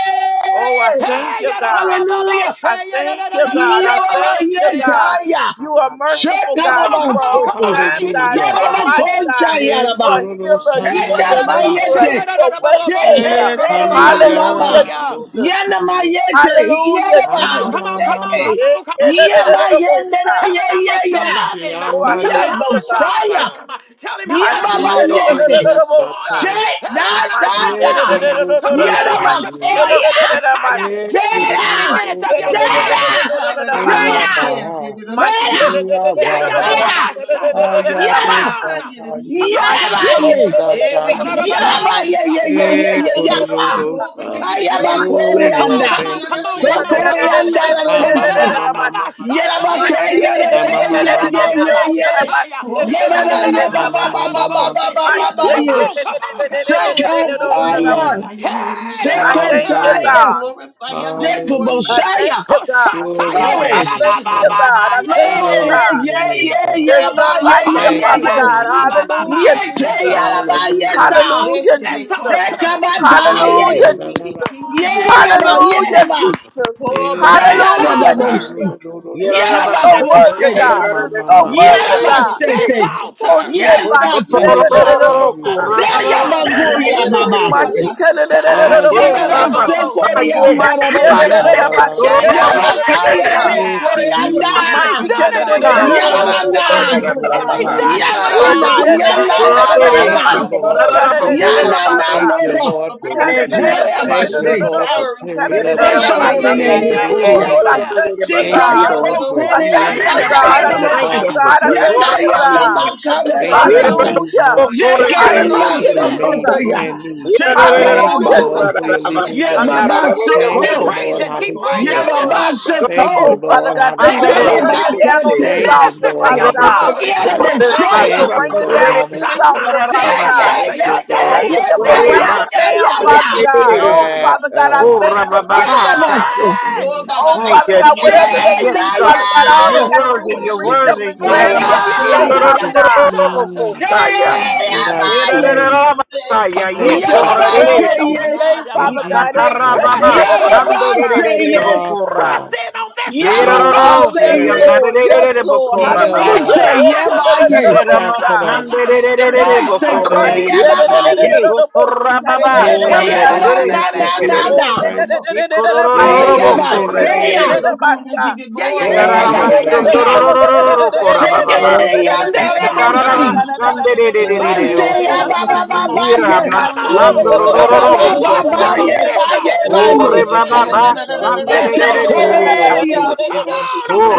Oh, I yeah, thank Hey, you, God. yararabababo, Hallelujah. I thank you, God. I thank you, God. sheyararararabababosia. Yababayekaya. You are merciful, Come God. on, You come are on, on come Shetababansoto. on. If time, he healed God. your You Hallelujah. are body. mighty, God. Hey, You Yababakonchayaraba. are Kororo healer. You Come are Sanda deliverer. Yeha. Shetabayete. You are way maker. Hey, Shekete Kanda Hallelujah, Yarara. yandaba. Jesus. Yanama yete. Hallelujah, Yanaba. on, Mama, Jesus. come on, come mama, on, mama, come Sheke. on, come on. Yama yendere Tell ye him how ye much you ya. love Ishe him. Oh, I Anda Tell him thank how you, much you God. honor him. Yabosaya. Yesuata. Tell him how much you Yababa Ye adore him yete. Kororo this Hashiyadadadadadabosa. morning. Sata. Shake da da Ye da. Kororo Come on and Sota Yanama Mashiyadadadadadadadabasi. worship Ye. him. koya. Kedadadadadabasi. Ye Give him Kororo 20 Jada! minutes of your Sota Ya. time. Jada! Yeah, Come Hey, Mashiyadadadadadadadabasi. on. Jada! Yabaha. I Jada! Hey, Yeah, yeah, da, Yabaha. ba, Jada! ba, shataya. Yada! Ayabe Come on. uh, Come Satande. on Yada to this baye! altar. Isata we Da, da, give da, you ba, Ye ba, Yada glory. ba, baye! Ye ye ye Eh, ye shataya. yaka! Oh, we kororosa. give you Kaya ba praise, oh Oh God. Come on, Lord, come korianda! on, thank come you, on, So come on, Jesus. come on. Da, korianda ra ra Ah, da, ma, da, ma, da, bosha! ma, ba, ba, ma, ba, ma, Yada ba shataya. ke ye ra Da, da, ma, ma, ma, da, da, ye ma, da, ye ba, ma, ba, ye ba, ye! shataya. Oh, Ye Yeah, ba ka, da, ba da, da, ye ma, ba, ba ma, ba ma, ba ma, shana, da, ma, ba ba bo, ma, ba ma. ba seke. ba ba Come ye! on, come on, come on. uh, Oh, we Ah, Shakataya! glorify your name, oh God. Hey, this thank you, altar. Hallelujah. We Shakataya! God. glorify your name, Lord I Hallelujah. thank Jesus. Zekuboshaya! you, Oh, God. Glory shataya, Oh, to da, da, your I Glory! da, ba, name, thank ba, you, God. ba, God. I ba, yeah, thank da, Glory, da, you, bo, Glory yeah, to God. yeah, your see. name, yeah, God. There's yeah, ba, Koda none yeah, like yeah, you, Ha, Thank yeah, basata ra, you, Father na ba, yeah. na na God. ba, ba, Jesus. hinde ba, ba, ba. Hallelujah, koksha Yeah, da ke This Jesus. yeah, da, ba, basata. altar. yeah, Hallelujah. ta. Hallelujah, Eke be This Jesus. koda Seka altar. ba, basata ta, ya Eh, de yeah. ya, Hallelujah, de da, de da, de da. Jesus. kinde de de Yeah, de da, de de ba, yeah, robo. da, Hallelujah, ba. Jesus. Ko Eh, Baba Seka This da, da, shana koshata, Hallelujah, na bo, na altar. yiro, Jesus. na, shi. ro, ro, ro, kete ro, Yeah, ni You're sa. da, de Come ba, on so de ko, and worthy, sheka. Eh, toka. God. ma, praise. You're ma, so ma, ma, Yeah, worthy, da, Oshe ba, te God. te de This shete. bashe ma. te Oh, altar. kina shit, na Yeah, na my ta, shit, maka ta, da, Eh, da, so. kopa da, da, shata bo- ye sheta. sa. ko La, sa This ta ya, ba, ta Bless go, altar. your ta ta ya, name, ba, ta God. ba, My se. shit, ka, da, da, da, da, da, Ah, Ah, da, Yeah, ye bo- ro da, si. Cover ro ba, my ro. se, shayadadabababos. ko, pastor, oh ri, God. an, My da, da, shit, bo, da, Ee, da, sha. ta da, Oh, ra da, but my ra shit, Yeah, ra she da, and yeah, Yeah, da, da, I'm yeah, not ba, da, da, yeah, ka, so bo- yeah, yeah, yet. da, i yeah, sa. ro, Eh, ko, yeah. se ri, re re da. re. If My thank he's you, shit, ka, Lord done it da, God, for da, da, for da, da, da, you, Yeah, da, sending the da, da, da, bo- da, Ee, fire, da. si. Lord if ro God, ro he's down ro done ro that it ro. for solid Mashiach, rock, Yanana, you, oh God. yanana, Thank you, shayadadabababos. nana, Lord, for stripping. yanana, Hekaposha-ta-ta-ta-ta-ta. Thank you, nora, Lord, For for Thank closing the ripping. you. mouth of Thank every you, vorebashe. Lord, for devouring tearing spirit, up oh yeah, Bless yeah, God, your yeah, in the yeah, holy yeah, name, everything name, that yeah, Lord is yeah, Oh not Nikoria. Jesus. yeah, of Lord, I you. yeah. thank you, Thank Come you, out God. Shikaya of Jesus. Lord, for I Yeah, thank bokoria, Thank yeah, healing you, you, yeah, the yeah, God. takaya I Father. in the thank Thank yeah. boka. you, you, bodies of God. I Father. those with thank Tora- Yanga you, yanga God. Echo infirmities. shaka makare for Thank you, Kira- every Lord, bokata. whose Hallelujah. minds Kore- need devil Keep in Yeke Kira- ya to sheep's Hallelujah, be praising. made clothing, Jesus. oh God. brand new. Shiba Thank baba you, Hallelujah, Lord, basu. Kura- for Abakananananahata. your Jesus. Shit. living Ye and it waters. baba Andara- ain't Gira, that. Thank Keep you, Moko- soko. Lord, praising. how Keep they Oh, Ye we praising this purify. baba glorify altar. Thank you, Oh, soko. Father Lord, how God, they thank We This you Andara- for Shaba Kira- cleanse. raining altar. glorify Kore- you, down God. on this Thank bakate. you, altar, Minister to Lord, Father how your We they God. father. glorify Kiara baptize. you, This God. Thank you for boshaya. altar. Thank you, raining Lord, down Hey, how on they this Thank you for Shatta. altar, Father Yeah, cleaning the Minister God. yeah, Thank altar to yeah, that your you, yeah, solid Lord, Thank daddy. rock, yeah, you oh for how yeah, This God. they yeah, raining yeah, altar. down, yeah, Father yeah. Kure- God. Kure- Oh, sat, Father God, I uh, thank you, Kura- Father Yeah, God. Babasha. Vasco. Hey, Oh, Baba Oh, Thank Father you, God, Masaya, whatever Jesus. Mama they Shayadadabababosia. Yes, need, Father God. Makashe, God, te all de they de Zendaya! You're got to do worthy. boko is You're reach make shata. us up worthy. and grab it holy, Yeah, on yeah, yeah, today, Vaya! Thank yeah, make you, Father yeah. us Lord God. God. This altar. clean Kiraramasiyondororororokosaya. Thank in you, thy God. Zendaya! sight, Thank Come you, Kirarararabasaya. on. Reach God. up and Yababa Boko grab sanctify it on Yekorerereti. shana, seye! Mama today, in Father Makashe. Shabababababosayadabababa. God. Jesus' Hey, mighty shut it Press name. Ikatarababa. up, Thank you, in. up, up, up, Yababa up. Father. Boko seye! shana, Shanderererebokora. Press Rapha, in Mama on this Makashe. Rose altar. Yababa of Oh, Shirorororosi. yes, Sharon, seye! Lord. Yes, Boko Lord. shana, Andarererebokora. healer, Hallelujah. Base Bababaha. Hey, shut it up, up, yebaye! up, up, up. Thank prophet, you for Herabababashandabababaya. stirring up the This Base in hearts, the My altar. Lord Kiraramasanderererebokore. name shit, koya of God, up, of up, the up, Jesus. people. up, up, babaye! up, up. She kind of, Ikotorababa. Thank up, you, Yeah, More up, Lord than up, a up, Heya na up, God, na up. conqueror na na through Shanderererese. na korebebebebebebese. Jesus Oh, na! shit, up, Christ. up, up, up, up, up. My for Eh, growing Oya shit, us kitty, up dee, shit, in dee, up, the up, dee, dee, baseya! Ikororororobokore. Spirit, dee. oh up, up, God. up, I give up. you Yeah, O yeah, yeah, glory. yeah, Oh Hallelujah. yeah, Lord, yeah, let yeah, your Mashia, baseka! yeah. spirit flow. Erararamasondororororo Thank you, korababa. Oh Father. Lord, let your This spirit altar. Thank Seteleyandarobosi. cleanse. you, Father. Oh Lord, Ikarararamasandererererereriosi. open Baseya Thank up ba you. the ba Oh, ba door. ba ye. Come Oh on. Lord, Ba let ba the Iramasandororororo ba ba enemies ba Worship out. ye koshaya. on ba this ye Oh ba altar. ye. Lord, let the enemies out. This Oh altar. Lord, to Basekoya. Korebababasandorororororiasi. the Come enemies on, camp.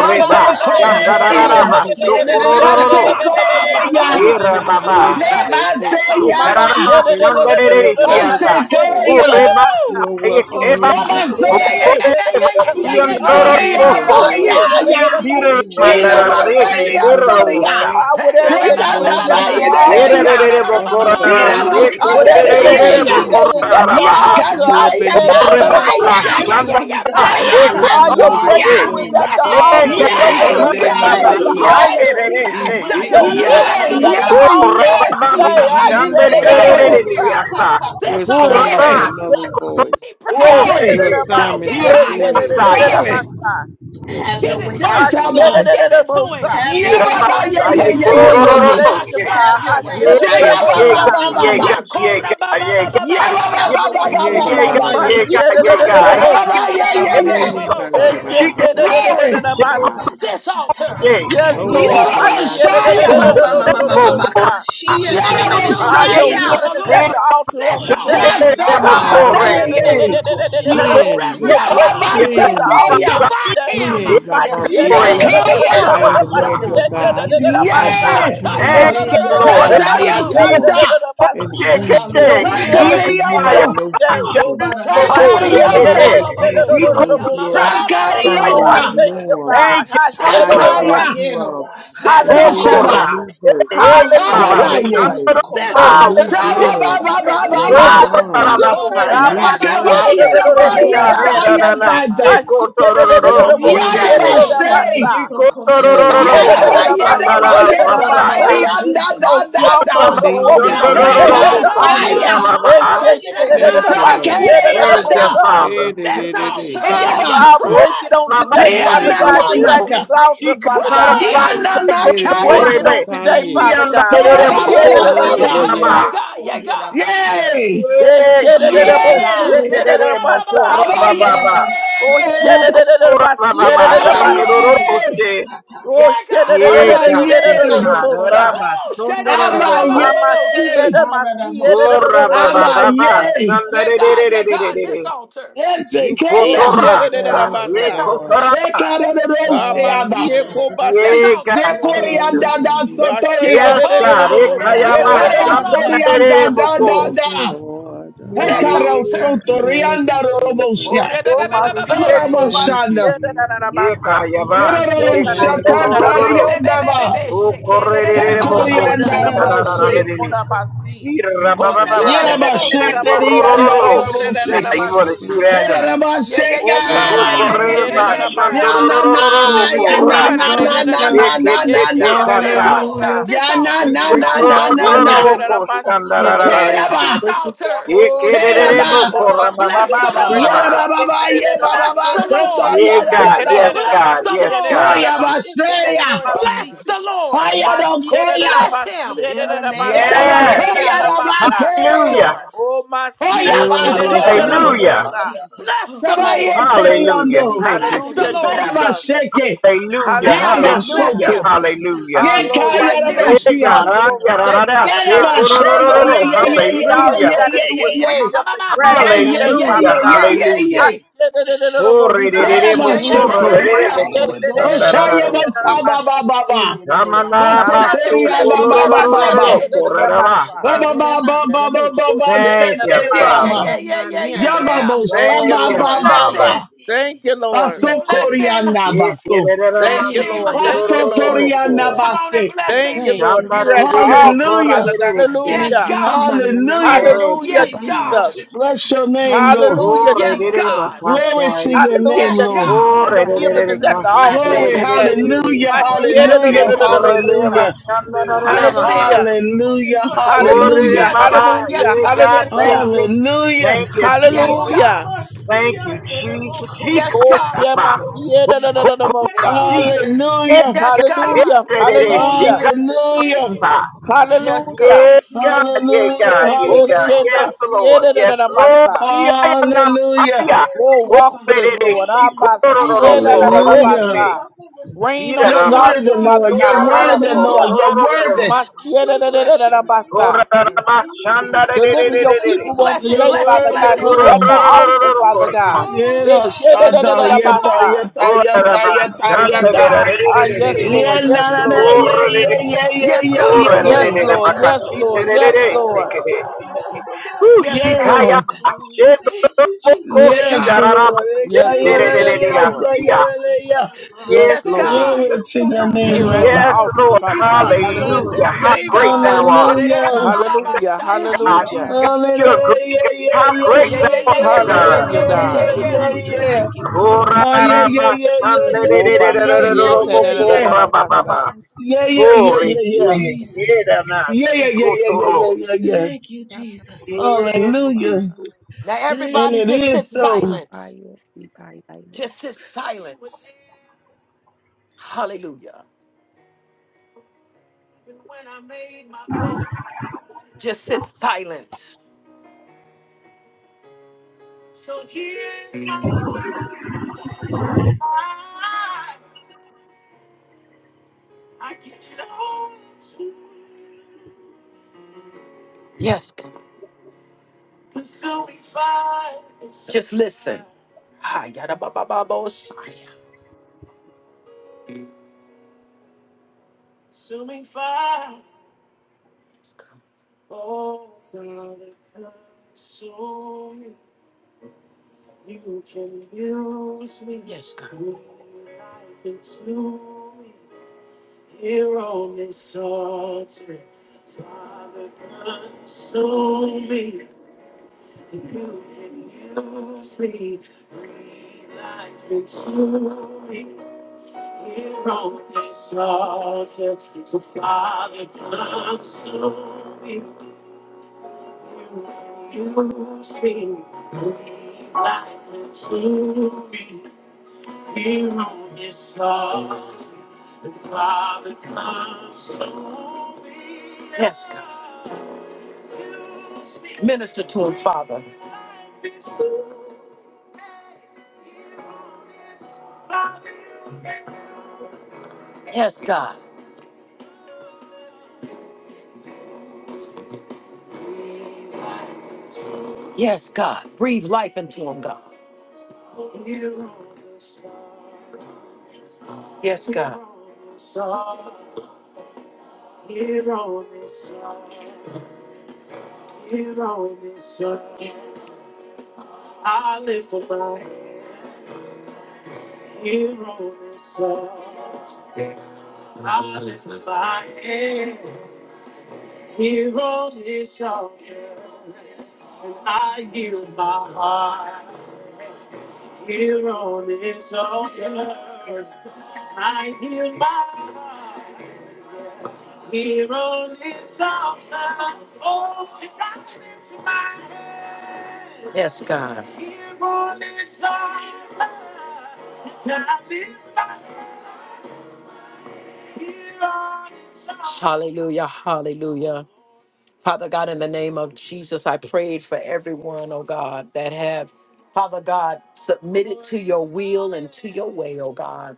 We should go This and catch altar. them while they sleep. Pashata Basekoya. Baba We will put an Irababa. end to Bashatataya. Le their work. This Uh, baseya ba. altar. Ikararaba Satan, I shandarere serve your God. isiata. notice today. Basekoya. Ureba Woo! You are welcome Oh, we sayekeba. Le here give you no glory, Yeah, more. God. yeah, base. yeah, Okore yeah, yeah, We're We yeah, yeah, give yeah, looking you for yeah, basiandoro glory, yeah, you Aya no God. ba yeah. Oh, more. shit, koche. ya it it, it, ya. about to Tira see You it, roam Ina and it, it, seek mandarare about to whom you die. mateya may kikora toria. bocha. devour. Ah, Hey, whatever da, Oh, ba, you we You ba, ba, Seta need ba, roam is ba, bless your ba, at back the ba, and tabaye name, shaya, forth da, Father. altar. de da, da, da, Ererere da, da, ba, ba, onto bokora This ba, the morning, earth, shaya. Lord God. Whatever This but you you are sekerere need altar. Dinamakadadeyaya. Clean us today up is bokora limited. at the this rabaha. morning, altar. and God. you I are Yakataya share beneath Ureba Grow the God's us up Yeah, basaya. most this yeah, people. yeah, morning, yeah. shandara God. We Aya Press. serve Ah, you your notice basoya. sekose. breakthrough is today. at the Press Ye in You on altar. got this Your gari a Oh, three Yay, God, day deliverance altar. is give karaba us at notice your the yay, to yay, altar. give sayerere us se. evict Your wisdom or this healing yay, is morning, quit at the God. yay, Heshayadadababababosaya. altar on yay. Teach Urababa, in today. us I this share Jesus' day, mighty Holy the Glory, most name. Spirit. shandererererereriasa. Your This assignments Uraba, altar. glory, are null and void. Keep Okay, pressing. that Your glory, sekotoshehe. another my Don't assignments get are Have yeah, okay, your tired. way. dead. that Hirabasaya. another Press. my glory. side. Your Have Give your it way. assignments to are I Yes, him. share dead. Abba. Give the it to most him. Have Yeah, your way, Baba, Holy yeah, Your Spirit. yeah, Hirabasaya, yeah, yeah, Oh yeah, assignments are Lord, yeah. thank dead. you, korororororoshe. God. Have I your way, Herabababashataya. share Holy Say, Yega, Your the yeah, Spirit. Baba, yega, assignments most Baba, are yega, dead. Baba. yega, Hapatokoshitele. yega. Yeah, Baba, Have your Baba, way, Hey, Yakorabababababababosia. Yeah, Holy Baba, ga, ga, Yega, ga, Baba, Spirit. ga, ga, yeah. ga. yega, yega, Yeah, yega. Mashiach-da-da-da-da-da-bo-si. Baba, yeah, Have yeah, your Yeah, way, yeah. Thank yeah, Holy ga, ga, ga, Spirit. ga, Mashorororobabababababosia. ga, Shika, ga, ga, ga, ga, Glory. ga, ga, shika, ga. Eshek-da-da-da-da-da-da-ba-si. Kobata This altar. Yes, yeah. Yeah, No, Lord. shatatatatata. they Baba, are, da, da, This Shia. da, Koba dee, mama altar. doo, mama doo. maka. Shandelebokora. Mashiach-da-da-da-da-da-da-da-da-da-bo-sa. Shia Shake de de de Build de de your de Ah, de altar your da it, before Yarabosaya, healing the is at the Lord. altar on This Put your today. altar. word in our Ah, mouths, Ah, oh God. Shandelebokore. yes, Lord. Yasabandaye, Hapakoshitele. Iko Ah, Mashiach-da-da-da-da-da-da-da-da-da-bo-si. Cleanse, Your reverence breakthrough him. is at the cleanse, altar To Yababasakoya, on shiandabasai. back today. When him. they cleanse. I see us, brought Lord you Ikore God, out. Yakaya, I am the ikayabasa. let Lord Mashiach-da-da-da-da-da-da-da-da-da-ba-si. them your Pashayaradabababosia. see God. you I Hey, brought Eke-da-da-da-da-ba-sa. Ye, you in the out Thank name, you, Lord Lord. of Jesus. Eshek-da-da-da-da-ba-si. shatayaradaradadadadadadadadadados. Lodibar Yatayakanta, and Da-da-da-da-ba-si. Ekashikete. Egypt Your Hallelujah. healing where is you here Sakariyota, on had no Ikayabasa. today. future Kobara My labasa. shit, and Sakariyota, Shandelebokore. general curses Fill Iko us was Ayaradababababosia. again, your oh God. Fill us Oh, shaya. family's I again, Sakariyota, oh thank God. Mamababababosia. you, norm. God. Thank you, I This shed I it Fill in Father. us my Sakaya, brought altar, you again, seat. oh out God. this and gave Hallelujah, you Hoshaba, a altar, Lord. Gokora, new birth eh and a Hallelujah, Mama, new Sababaye, Lord. life Chandro Koshetetepasukorabasa. this and new altar. Hallelujah, Kosik, blood We Lord. turn and away, new oh Sabababababa, God, from Gokora wine Hallelujah, old Lord. and I'm Masaya, ways, new my wine shit, Bakabaye, Yes, Yakoredadadadabababosia. Rabaye, steps, old Karera works. Nana, Dayatata, My shit, new Sekotoro my skin shit, This Kosete, sealing, altar. Yarabashay, Oh, shedding Chikotoro shit, layer by Yereba, Moko, Hamamamasekerebesokoshikerebasa. layer my yereba, Sandara shit, Shayaradabababosia. Called yeto, my out my Masaya, shit. old korianda, wisdom, Oh, da, da, Yes, strongholds Mama, da. are old things broken that on knowledge, don't oh need Chandro today God. to at Yeka, the Moko, altar. Sita taya, exist. Mama, Eshe te de de de Thank de you, ba Yakayaradababababosia. si Lord. e thank Hamananamasoyerebekanderebikosha. you, shakereyanda, Father. Hey, did This it, it is, altar. Yeah, son. yeah, I'll shobastu. Oh, break it on press. Mama, But today, we Hey, Father did seek your God, it, here face son. at Chikoto, this this Dianananaka, day, oh altar, God, Father Chikatara for God. our Press! daily bread. Hey, did it, Break diananakaya, Sekotore, it on today, Sataye. Father Sianda God. Yeah, My shoba, yeah, ba, yeah, ba, yeah, Moko, ba, God. ba, Oh, Sita Yeah, yeah, ba. yeah, God. yeah. Yeah, shedadadadadabosa. Mama. God. Yeah, God. Enekitukuşapatayemeneakoyerabasa. Yay, Eh, Yeah, Yeah, Jesus. shedadadadabosi, eh, God. yay, Yeah, da, Emanokutsata, da, Iterere da, ba, ba, ba, mokora tedadadabasa. ba, aba, shit, yeah, bababa. God. Oh, yay, emanakasha, Kukokora shedadadadadabasi, eh, Yeah, bababa. aba, God. dadadadabasi. yay, Shondororose. Oh, okashedekatata, Yeah, God. Yeah, aba, God. Yes, yay, God. shedadadadadadadadadabosa. Oraba. inamakorebasa, Woo! Shit, da, da, da, da, aba, ba, ba, ba, Ah, Sondorororo. ba, my ba, see, eh, shit. yay, da- my see, eh, haladamoshaka. Ora aba, bababa. dadadadadadadabosa. yay. Yeah, God. Yeah, God. This Shandarererererere. altar. Oh, This Yetekea. Hikotora. altar, God. Thank God. you, Yeah, This shedadadadabasa. Lord. altar. kotoraba. Ah, my see, Shekarebebeosheada. eh, Hallelujah. This kobasi. Yeah, altar. God. Glory to your Jesus. Shekorianda da name, Hallelujah. Ah, Jesus. Yes, sotoria. Oh, God. God. Da, da, Oh, shedadadadadadabosi, da, eh, da, da, Ekayaba. Glory ba, Lord. ba, to Maria ba, your ba, name, dadadadabasa. shit, corianda Shandarerere Jesus. yeah. da da Thank moko. you, da. Lord. This Glory to Hekaro your Yeah, name, altar. God. Jesus. Thank sotorianda you, Oh, Jesus. robosia. re, ba, Oh, ba, ba, ba, Glory ba, to Masie, ba, your oh, name, shit, Thank yeah. Masie, you, Jesus. Karaboshanda. da da da da Jesus. Masa. Yekayaba Glory to Oh, your da da name, Yerorosha Thank da da you, da Oh, Jesus. da re, ba, Lord. Masi. shikotorororo ba, ba, cantarionda ba, ba. ba, ba, Hapakoseke. shit, yeah, da, da, da, da, Even ba, as ukorerererebo Masie, ba, she da ba, da is Peace da Shekorianda da shit, da in da home yeah. your da resting, home. Masie, my she. oh, shitarararerere da God. Masi. Yeah, peace in the Oh, da irabababa da yeah, da da da da sanctuary, Masie, Kobashetelelebashatalana. Yerabasheterianda da shikotorororo. shake, Bless da your da Now da people, roboshe. da oh you want to God. Masi. do chopping that? down yeah, Kerabasheka. yeah, yeah, Oh, ka yeah, vain yeah, yeah, Bless Masie, your yeah, da Ukoreba da yeah, da imagination people, yeah. Masi. Yana na, and shandorororo everything Those Oh, yana that who kora ka na da da exalts belong, na da da na da itself. na Lord na na Masie, God, shake, sheketete that da you da have da This kata called altar, Hallelujah. Masa. this Ya na. Yana altar, to na be na this Break your the na father, altar, na Oh, jawbone of ka Lord na. the da shikotorororo da da enemy God. with Masie, ka da praise. da shandarararerere Seraba, this Break Masi. the altar. jawbone of Oh, the stir Oh, us enemy ka up, da yekerererebo Seraba, oh with kora God. praise. Bless the Break the Lord. babababa. jawbone Yerababa, of the enemy with Bless Yebaba, Stir the us praise. up, oh Lord. Sekoya, Yeah, God. Break God. the Stir Dada, Yes, us jawbone up of Hallelujah, Bless God. the the Yes, enemy with Lord. God. Koya, praise. in the name, Basreya, Lord Bless Adi, the Jesus. Lord. adi, Hayado, Koya, Bless him. adi, In the adi, name, Lord Yeraba, Yes. Shabbat Koya, him. Jesus. okay, Bless I the Rabake, Hallelujah. Lord. got it. Koya, Bless Lord, the In Lord, the Lord. name, Basoto, Shaddai, Hallelujah. Lord Jesus. Bless Oh, the Sabaye, Lord. Hallelujah. Seriando, Thank you, Bless the Jesus. Lord. Karaba, Jesus. Seke, Hallelujah. Bless him. Hallelujah, Yaba, Bless Hallelujah. Jesus. Soto, him. Hallelujah. Our Lord, Yeka, right Bless here at Yeah, him. this Yerabosia, God. altar Ah, on yeah, da, da, today, da. Father Shit. Messiah. Yeraba, God. Go, do, do, do, Seya, do, Oh, do. Ye, Whatever we Ye, you need, Ye, glorify Ye, all you, you Ye, Hallelujah. got to God. do Ye, is reach Ye, up and We grab it Ye, Ye, bless Ye, Ye, your today, Ye, name, Father Hallelujah. Ye, Father God. Ye, God. Ye, Hallelujah. Ye, Oh, We re, re, Hashirererererobosai. re, re, bless your bo, Yeraba, Yeah, yeah, name, ko, yeah, re, yeah, Soto, re, re, re, Amanti yeah. bo, and ko, the shan, Bosha da, da, da, Oshaya Tata. re, basa si. ba ba Mashirerererererobosai. ba ba. In the Rama, na, Beyond ra, Baso the ba, Blessing, so, Boshi koria ko, ba do, blessing, ba do, do, ba do, blessing, do, Kiribasta, ba do, ba. do, blessing. ko, re, Tangro ra, ba, Boshi Ba sa. Thank ba ba ba Kirimanda ba the ba ba Boshi ba Kir. Thank sete you, Yeah, yeah, Father. yama. yeah, Toka yeah, yeah, Mami yeah, and the yeah. Bosho Yababos to ba the you, Thank ba you, Lord. Basta Bless ba ba. Father. him, Thank you, Lord. Baso Thank you, bless him, Lord. korianda baso. Yekerera Thank bless you, Lord. Thank you, him. Kiki Lord. Baso mashiturororoboko. Shiriba. torianda you. Come on and base. bless Thank you, him. Thank you, Lord. Here Father at the Chandarere God. altar, bokore Hallelujah. Father. God. rerese. Thank Yes, you, Hallelujah. God. Amanana Hallelujah. my Thank Hallelujah, you, Say Yes, We God. Jesus. worship, Jesus. Bless your name, we Lord. worship Oh, Hallelujah, you, Yes, rerere Lord. Jesus. God. Glory to bakasaye. your We name, Yes, Hallelujah, worship Lord. you, Jesus. God. Oh, Lord. Your healing rerere is at the altar Bless Ananamasi. on him, Glory. today. kashiterere. Hallelujah. We worship bless you, him, Oh, Hallelujah. God. korere Mashiach. Hallelujah. We bashandarara bless worship him. you maha. Hallelujah. this morning, Hallelujah. Father. We seek Hallelujah. Glory Hallelujah. to Yes, your Baba. God. face Yes, Hallelujah. this Yeah, God. God, Yes, morning, thank Hallelujah. God. Father. you. Thank Hallelujah. you, Yes, Jesus. Hold Hallelujah. God. my feet Thank you, under Jesus. He Yes, Oh, got God. the Baba. Shema Oh, Siena, no, no, no, no, come on, Thank Mosa. you, God. Eh, Hallelujah. Yes, Thank eh, you, God. Hallelujah, eh, God. eh, eh, Thank she you, hallelujah, got God. Thank you, Hallelujah. God. Yes, God. hallelujah. Yeah, Thank you, God, Father. yeah, Hallelujah. God, Thank yeah, you, Oh, God. Father. Shema Yes, Hallelujah. Lord. Siena, no, no, Yes, no, Thank Lord. you, Mosa. Yeah, Father. I am not Hallelujah. Maya. Thank Oh, Oh, you, walk Father. eh, with us, eh, eh, Lord. Thank she you, Abba Father. kororo, Siena, no, no, no, kororo, Thank Hallelujah. you, she. Mosa. Father. Rain Ira on You're this Rama. altar, worthy, She Father Father Lord. You're God. God, we kororo, worthy, thank Lord. you. Hallelujah. You're kororo, kororo. worthy. Masiena, We no, no, no, bless no, your no, name. Mosa. Deliver your Korarabashandarererererere. people on Blessing, You're today, I blessing, Father worthy, God, blessing, here at Lord. the blessing. Thank you for altar, Father Ikororororororokor. looking Come low, God. on. oh Eh, Yeta God, Shena, when no, you no, shata no, no, Bless sit your yeta high. Mosa. father. yeta yeta Bye. yeta Thank Yes, you, yeta. God. God, for Ah, yes, Korarabashandarerererererere. thinking Lord. of Yeah, us, na, Yes, na, Mama, na, Lord. yeah, considering yeah, us. Korerere- yeah, yeah, Yes, yeah, Thank yeah, you God. for Yes, yeah. loving Lord. us, Yes, oh Lord. God. Yes, Thank korererererabakashitererererere. you for Lord. equipping us, oh Ooh, God. Yes, Yeah, God. Lord. shikaya- Thank you, shetoroboko Yeah, Jesus. Yes, God. Lord. shigararaba- Eka, Yes, Thank yeah, you Lord. na, for na, your Yes, yeah, Lord. so, yeah, sheterererererasiya. sacrifice. na, na, yeah. Yes, Yes, Yes, Thank you Lord. for God. Jesus. Glory your to your body that name, Here at the Lord. heals Yes, us. altar, Lord. Thank you Father for God. your blood Hallelujah. that Hallelujah. How Yes, saves great us. thou God. Yeah, art. How Hallelujah. great thou Hallelujah. Thank you, art, Hallelujah. God. Jesus. Hallelujah. You're a great God. Yeah, yeah, How yeah, great Thank thou yeah, yeah, you. yeah, art, yeah, yeah, yeah, yeah, yeah, yeah, God. Hallelujah, yeah, yeah, yeah, yeah. God. yeah, Thank you, yeah, yeah, thank you, yeah. thank you, Oh, thank you, ra, Oh, ra, thank ra, yeah, you. yeah, ba, yeah, shan, yeah, da, da, yeah, da, da, yeah, da, da, yeah, da, Thank da, yeah, da, yeah, you, bo, yeah, ko, yeah. Jesus. ra, ba, ba, ba. Wobasiyetenenenenenabasa. Yeah, yeah, Oh, yeah, re, Thank yeah, you, yeah. swe, ye, Jesus. da, na, Yeah, shi, yeah, yeah, ko, yeah, to, yeah, yeah, ro. yeah, yeah. Thank you, Jesus. yeah. Yes, Hallelujah. Jesus. Now Thank And everybody you, it just sit is Jesus. so. silent. Ababaye sibaye Just this silence. Hallelujah. Just sit silent. Yes, God. Just listen. Ah, yada ba ba ba ba. Yes, God. You can use me. Yes, God. Life is new. Here on this altar, Father, consume me. You can use me. Breathe life into me. Here on this altar, so Father, consume me. You can use me. Breathe life into me. Here on this earth, the Father comes to me. Yes, God. Minister to him, Father. Yes, God. Yes, God. Breathe life into him, God. Yes, God. Here on this earth, I lift up my head. Here on this earth, I lift up my head. Here on this earth, and I yield my heart. Here on this earth, I yield my heart. Here on this altar, oh, I lift my hands. Yes, God. Here on this altar, I lift my- here on this altar. Hallelujah, hallelujah. Father God, in the name of Jesus, I prayed for everyone, oh God, that have, Father God, submitted to your will and to your way, oh God.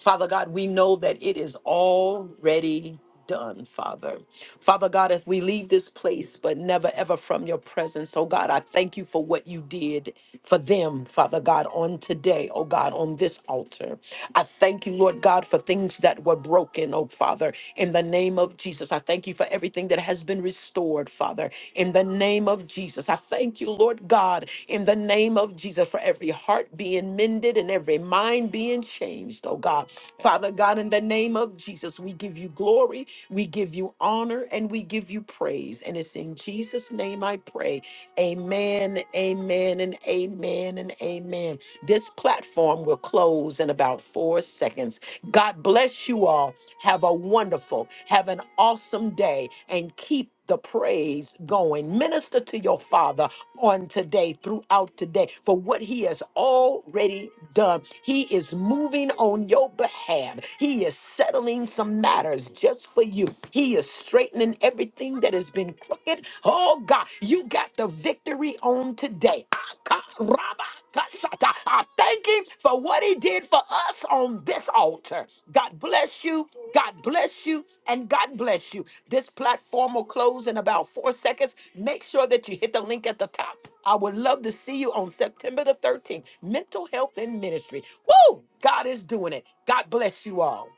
Father God, we know that it is already done, Father. Father God, if we leave this place, but never ever from your presence, oh God, I thank you for what you did for them, Father God, on today, oh God, on this altar. I thank you, Lord God, for things that were broken, oh Father, in the name of Jesus. I thank you for everything that has been restored, Father, in the name of Jesus. I thank you, Lord God, in the name of Jesus, for every heart being mended and every mind being changed, oh God. Father God, in the name of Jesus, we give you glory, we give you honor, and we give you praise. And it's in Jesus' name I pray. Amen, amen, and amen, and amen. This platform will close in about four seconds. God bless you all. Have a wonderful, have an awesome day, and keep the praise going. Minister to your Father on today, throughout today, for what He has already done. He is moving on your behalf. He is settling some matters just for you. He is straightening everything that has been crooked. Oh God, you got the victory on today. I thank him for what he did for us on this altar. God bless you. God bless you. And God bless you. This platform will close in about four seconds. Make sure that you hit the link at the top. I would love to see you on September the 13th. Mental health and ministry. Woo! God is doing it. God bless you all.